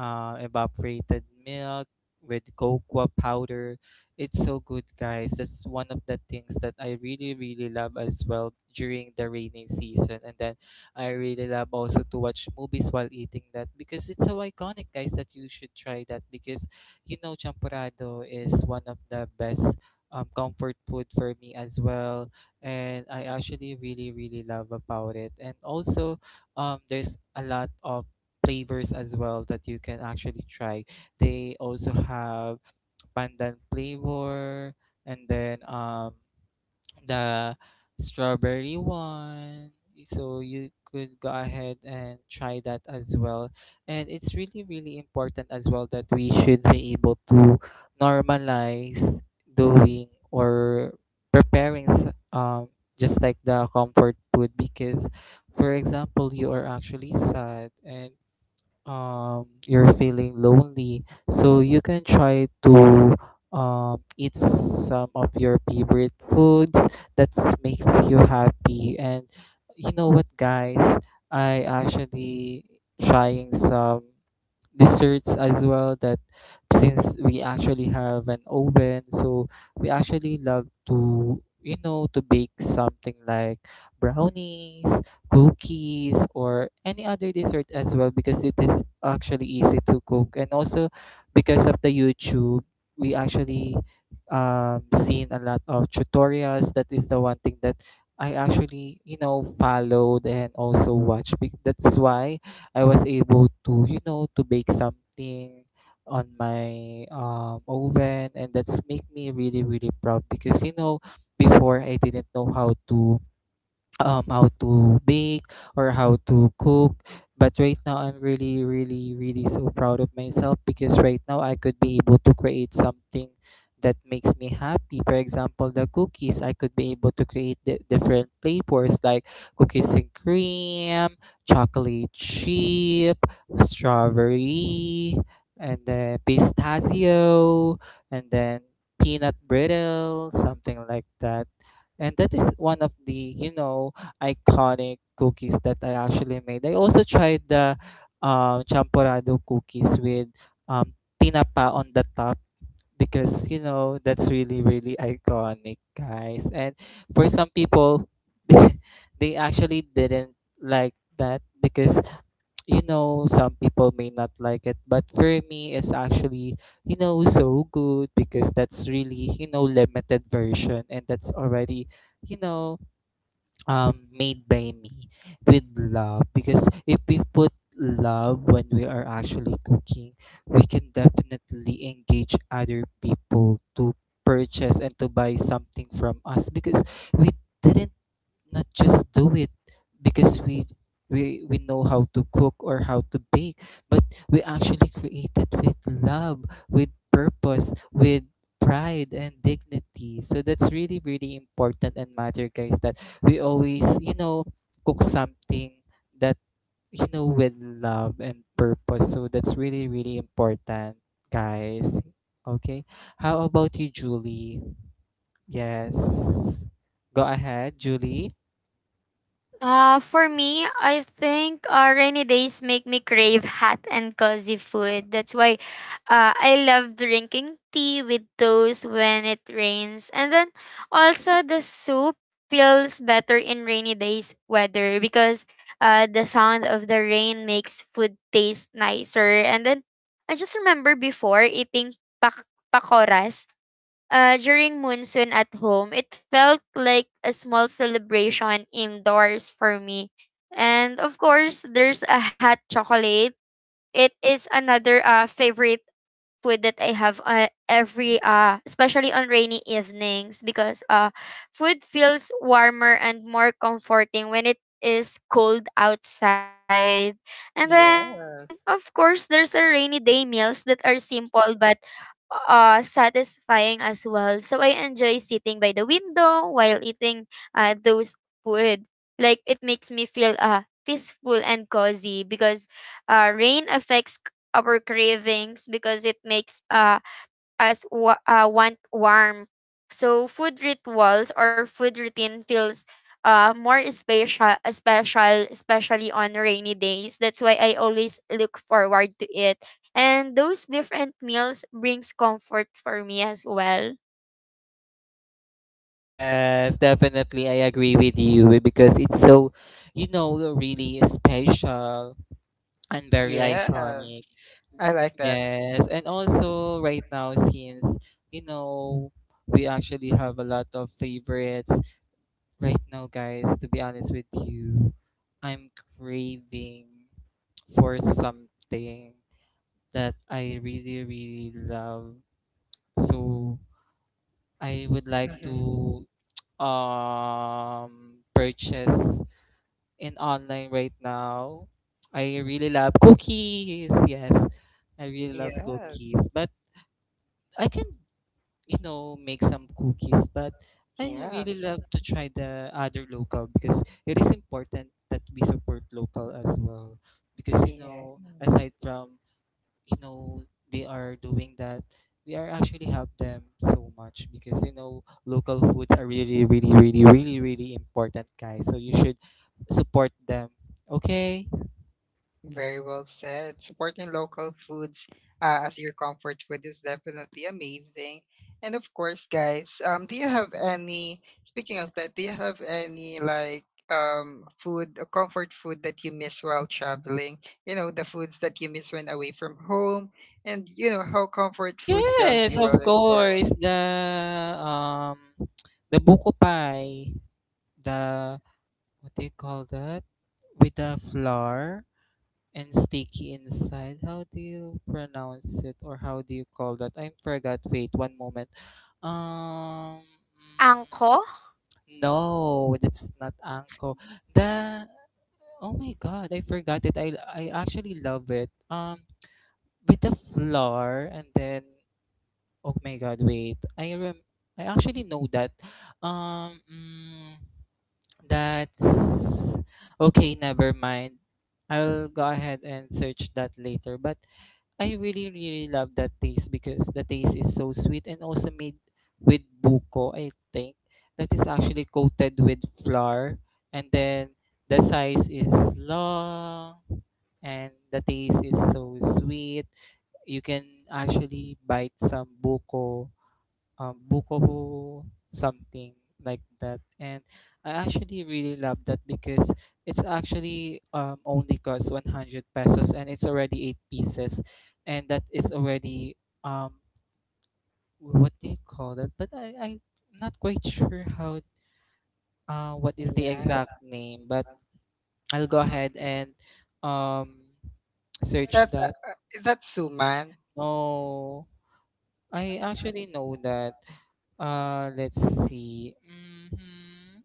Speaker 2: evaporated milk with cocoa powder. It's so good, guys. That's one of the things that I really, really love as well during the rainy season. And then I really love also to watch movies while eating that because it's so iconic, guys, that you should try that because you know, champorado is one of the best comfort food for me as well. And I actually really, really love about it. And also, there's a lot of flavors as well that you can actually try. They also have pandan flavor and then the strawberry one. So you could go ahead and try that as well. And it's really, really important as well that we should be able to normalize doing or preparing just like the comfort food because for example you are actually sad and you're feeling lonely, so you can try to eat some of your favorite foods that makes you happy. And you know what, guys, I actually trying some desserts as well. That since we actually have an oven, so we actually love to, you know, to bake something like brownies, cookies, or any other dessert as well because it is actually easy to cook. And also, because of the YouTube, we actually seen a lot of tutorials. That is the one thing that I actually, you know, followed and also watched. That's why I was able to, you know, to bake something on my, oven, and that's make me really really proud because, you know, before I didn't know how to bake or how to cook, but right now I'm really, really, really so proud of myself because right now I could be able to create something that makes me happy. For example, the cookies, I could be able to create the different flavors like cookies and cream, chocolate chip, strawberry, and then pistachio, and then peanut brittle, something like that. And that is one of the, you know, iconic cookies that I actually made. I also tried the, champorado cookies with, um, tinapa on the top because, you know, that's really, really iconic, guys. And for some people, they they actually didn't like that because, some people may not like it, but for me it's actually, so good, because that's really, limited version, and that's already you know made by me with love. Because if we put love when we are actually cooking, we can definitely engage other people to purchase and to buy something from us. Because we didn't, not just do it because we know how to cook or how to bake, but we actually create it with love, with purpose, with pride and dignity. So that's really, really important and matter, guys, that we always, cook something that, with love and purpose. So that's really, really important, guys. Okay, how about you, Julie? Yes, go ahead, Julie.
Speaker 3: For me, I think rainy days make me crave hot and cozy food. That's why I love drinking tea with toast when it rains. And then also the soup feels better in rainy days weather because the sound of the rain makes food taste nicer. And then I just remember before eating pakoras during monsoon at home. It felt like a small celebration indoors for me. And of course, there's a hot chocolate. It is another favorite food that I have every especially on rainy evenings, because food feels warmer and more comforting when it is cold outside. And then of course
Speaker 1: Yes.
Speaker 3: there's a rainy day meals that are simple but satisfying as well. So I enjoy sitting by the window while eating those food. Like it makes me feel peaceful and cozy because rain affects our cravings, because it makes us want warm. So food rituals or food routine feels more especially on rainy days. That's why I always look forward to it. And those different meals brings comfort for me as well.
Speaker 2: Yes, definitely. I agree with you, eh, because it's so, really special and very
Speaker 1: Yes.
Speaker 2: iconic.
Speaker 1: I like that.
Speaker 2: Yes, and also right now, since you know we actually have a lot of favorites right now, guys. To be honest with you, I'm craving for something that I really, really love. So I would like
Speaker 1: Hmm.
Speaker 2: to purchase in online right now. I really love cookies. Yes, I really love
Speaker 1: Yes.
Speaker 2: cookies, but I can, make some cookies, but I really
Speaker 1: Yes.
Speaker 2: love to try the other local, because it is important that we support local as well. Because,
Speaker 1: Yeah.
Speaker 2: aside from, you know they are doing that, we are actually help them so much, because, local foods are really, really, really, really, really important, guys. So you should support them. Okay.
Speaker 1: Very well said. Supporting local foods as your comfort food is definitely amazing. And of course, guys, do you have any, speaking of that, do you have any like food, comfort food that you miss while traveling? You know, the foods that you miss when away from home, and you know how comfort food grounds
Speaker 2: Yes,
Speaker 1: you
Speaker 2: of
Speaker 1: while exploring.
Speaker 2: course, um the buko pie, the, what do you call that, with the flour and sticky inside? How do you pronounce it or how do you call that? I forgot. Wait, one moment. Um, mm,
Speaker 3: Angko?
Speaker 2: no, that's not anko. The, oh my god, I forgot it. I actually love it. With the flour, and then, oh my god, wait. I actually know that. Um, mm, that's okay. Never mind. I'll go ahead and search that later. But I really, really love that taste, because the taste is so sweet, and also made with buko, I think. That is actually coated with flour, and then the size is long and the taste is so sweet. You can actually bite some buko, bukobo, something like that. And I actually really love that, because it's actually, only costs 100 pesos and it's already eight pieces. And that is already, um, what do you call that? But I'm not quite sure how, what is the
Speaker 1: Yeah.
Speaker 2: exact name. But I'll go ahead and um, search that.
Speaker 1: Is that suman?
Speaker 2: No, I actually know that. Let's see. Mm-hmm.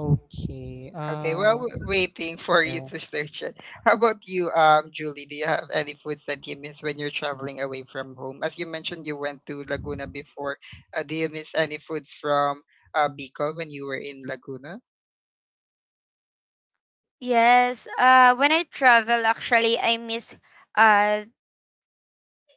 Speaker 2: Okay,
Speaker 1: Okay, well, we waiting for you
Speaker 2: yeah.
Speaker 1: to search it. How about you, Julie? Do you have any foods that you miss when you're traveling away from home? As you mentioned, you went to Laguna before. Do you miss any foods from Bicol when you were in Laguna?
Speaker 3: Yes. When I travel, actually, I miss uh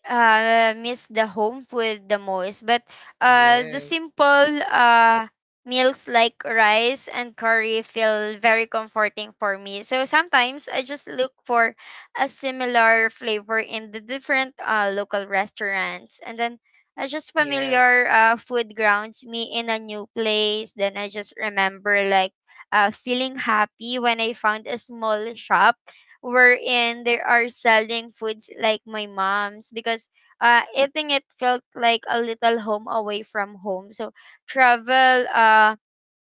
Speaker 3: miss the home food the most. But the
Speaker 1: Yes,
Speaker 3: simple meals like rice and curry feel very comforting for me. So sometimes I just look for a similar flavor in the different local restaurants. And then I just
Speaker 1: yes,
Speaker 3: familiar food grounds me in a new place. Then I just remember like feeling happy when I found a small shop wherein they are selling foods like my mom's, because eating it felt like a little home away from home. So travel, uh,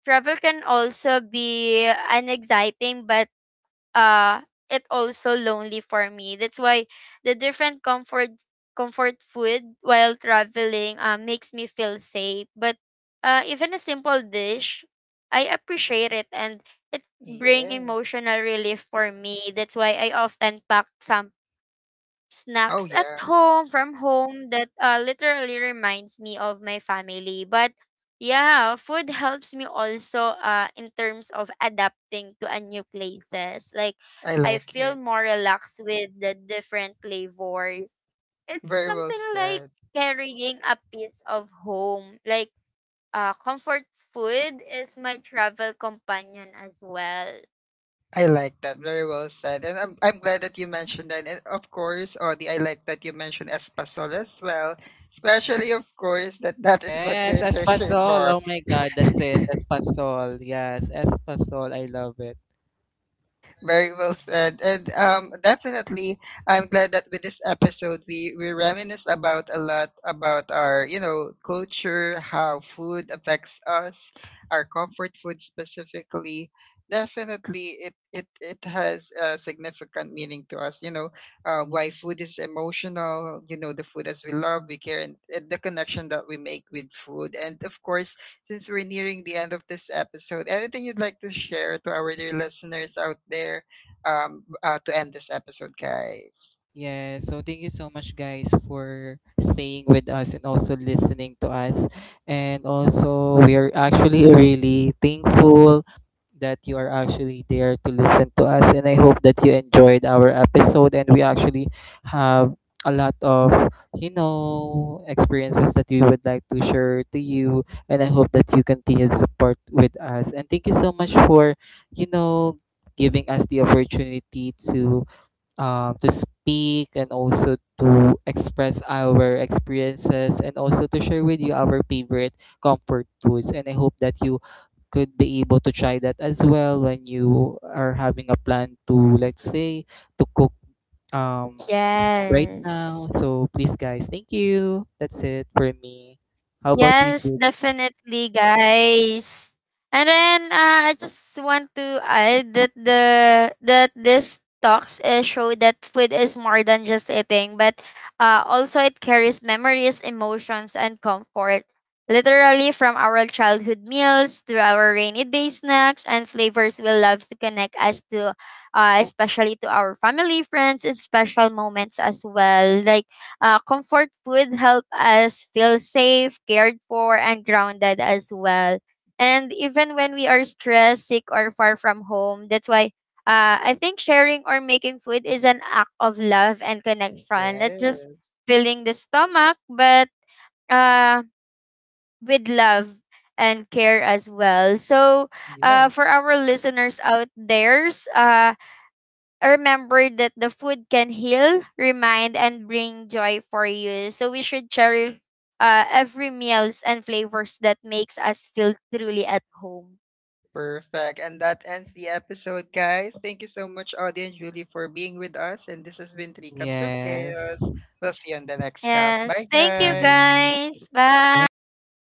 Speaker 3: travel can also be an exciting but uh it also lonely for me. That's why the different comfort food while traveling makes me feel safe. But even a simple dish, I appreciate it and it bring
Speaker 1: yes.
Speaker 3: emotional relief for me. That's why I often pack some
Speaker 1: Oh,
Speaker 3: snacks at
Speaker 1: yeah,
Speaker 3: home from home that literally reminds me of my family. But yeah, food helps me also in terms of adapting to a new places, like
Speaker 1: I
Speaker 3: I
Speaker 1: like
Speaker 3: feel
Speaker 1: it.
Speaker 3: more relaxed with the different flavors. It's
Speaker 1: Very well
Speaker 3: something like
Speaker 1: said.
Speaker 3: carrying a piece of home, like comfort food is my travel companion as well.
Speaker 1: I like that. Very well said. And I'm glad that you mentioned that. And of course, Audie, I like that you mentioned Espasol as well. Especially, of course, that that is what
Speaker 2: Yes,
Speaker 1: you're searching
Speaker 2: espasol.
Speaker 1: for.
Speaker 2: Oh my God, that's it. Espasol. Yes, espasol. I love it.
Speaker 1: Very well said. And definitely, I'm glad that with this episode, we reminisce about a lot about our, you know, culture, how food affects us, our comfort food specifically. Definitely, it has a significant meaning to us, you know, why food is emotional, you know, the food as we love, we care, and the connection that we make with food. And of course, since we're nearing the end of this episode, anything you'd like to share to our dear listeners out there to end this episode, guys?
Speaker 2: Yeah, so thank you so much, guys, for staying with us and also listening to us. And also, we are actually really thankful that you are actually there to listen to us. And I hope that you enjoyed our episode. And we actually have a lot of, experiences that we would like to share to you. And I hope that you continue to support with us. And thank you so much for, you know, giving us the opportunity to speak, and also to express our experiences, and also to share with you our favorite comfort foods. And I hope that you could be able to try that as well when you are having a plan to, let's say, to cook um, right
Speaker 3: Yes.
Speaker 2: now. So please, guys, thank you. That's it for me. How about you,
Speaker 3: Yes,
Speaker 2: Julie?
Speaker 3: definitely, guys. And then I just want to add that the that this talks show that food is more than just eating, but also it carries memories, emotions, and comfort. Literally from our childhood meals to our rainy day snacks and flavors we love to connect us to, especially to our family, friends, and special moments as well. Like comfort food help us feel safe, cared for, and grounded as well. And even when we are stressed, sick, or far from home. That's why I think sharing or making food is an act of love and connection, not just
Speaker 1: Yes,
Speaker 3: filling the stomach, but uh, with love and care as well. So, for
Speaker 1: yes.
Speaker 3: our listeners out there, uh, remember that the food can heal, remind, and bring joy for you. So we should cherish every meals and flavors that makes us feel truly at home.
Speaker 1: Perfect. And that ends the episode, guys. Thank you so much, Audie and Julie, for being with us. And this has been Three Cups of
Speaker 2: Yes.
Speaker 1: Chaos. We'll see you on the next cup.
Speaker 3: Yes,
Speaker 1: Bye,
Speaker 3: thank you
Speaker 1: guys.
Speaker 2: Yes.
Speaker 3: guys. Bye.
Speaker 2: Bye.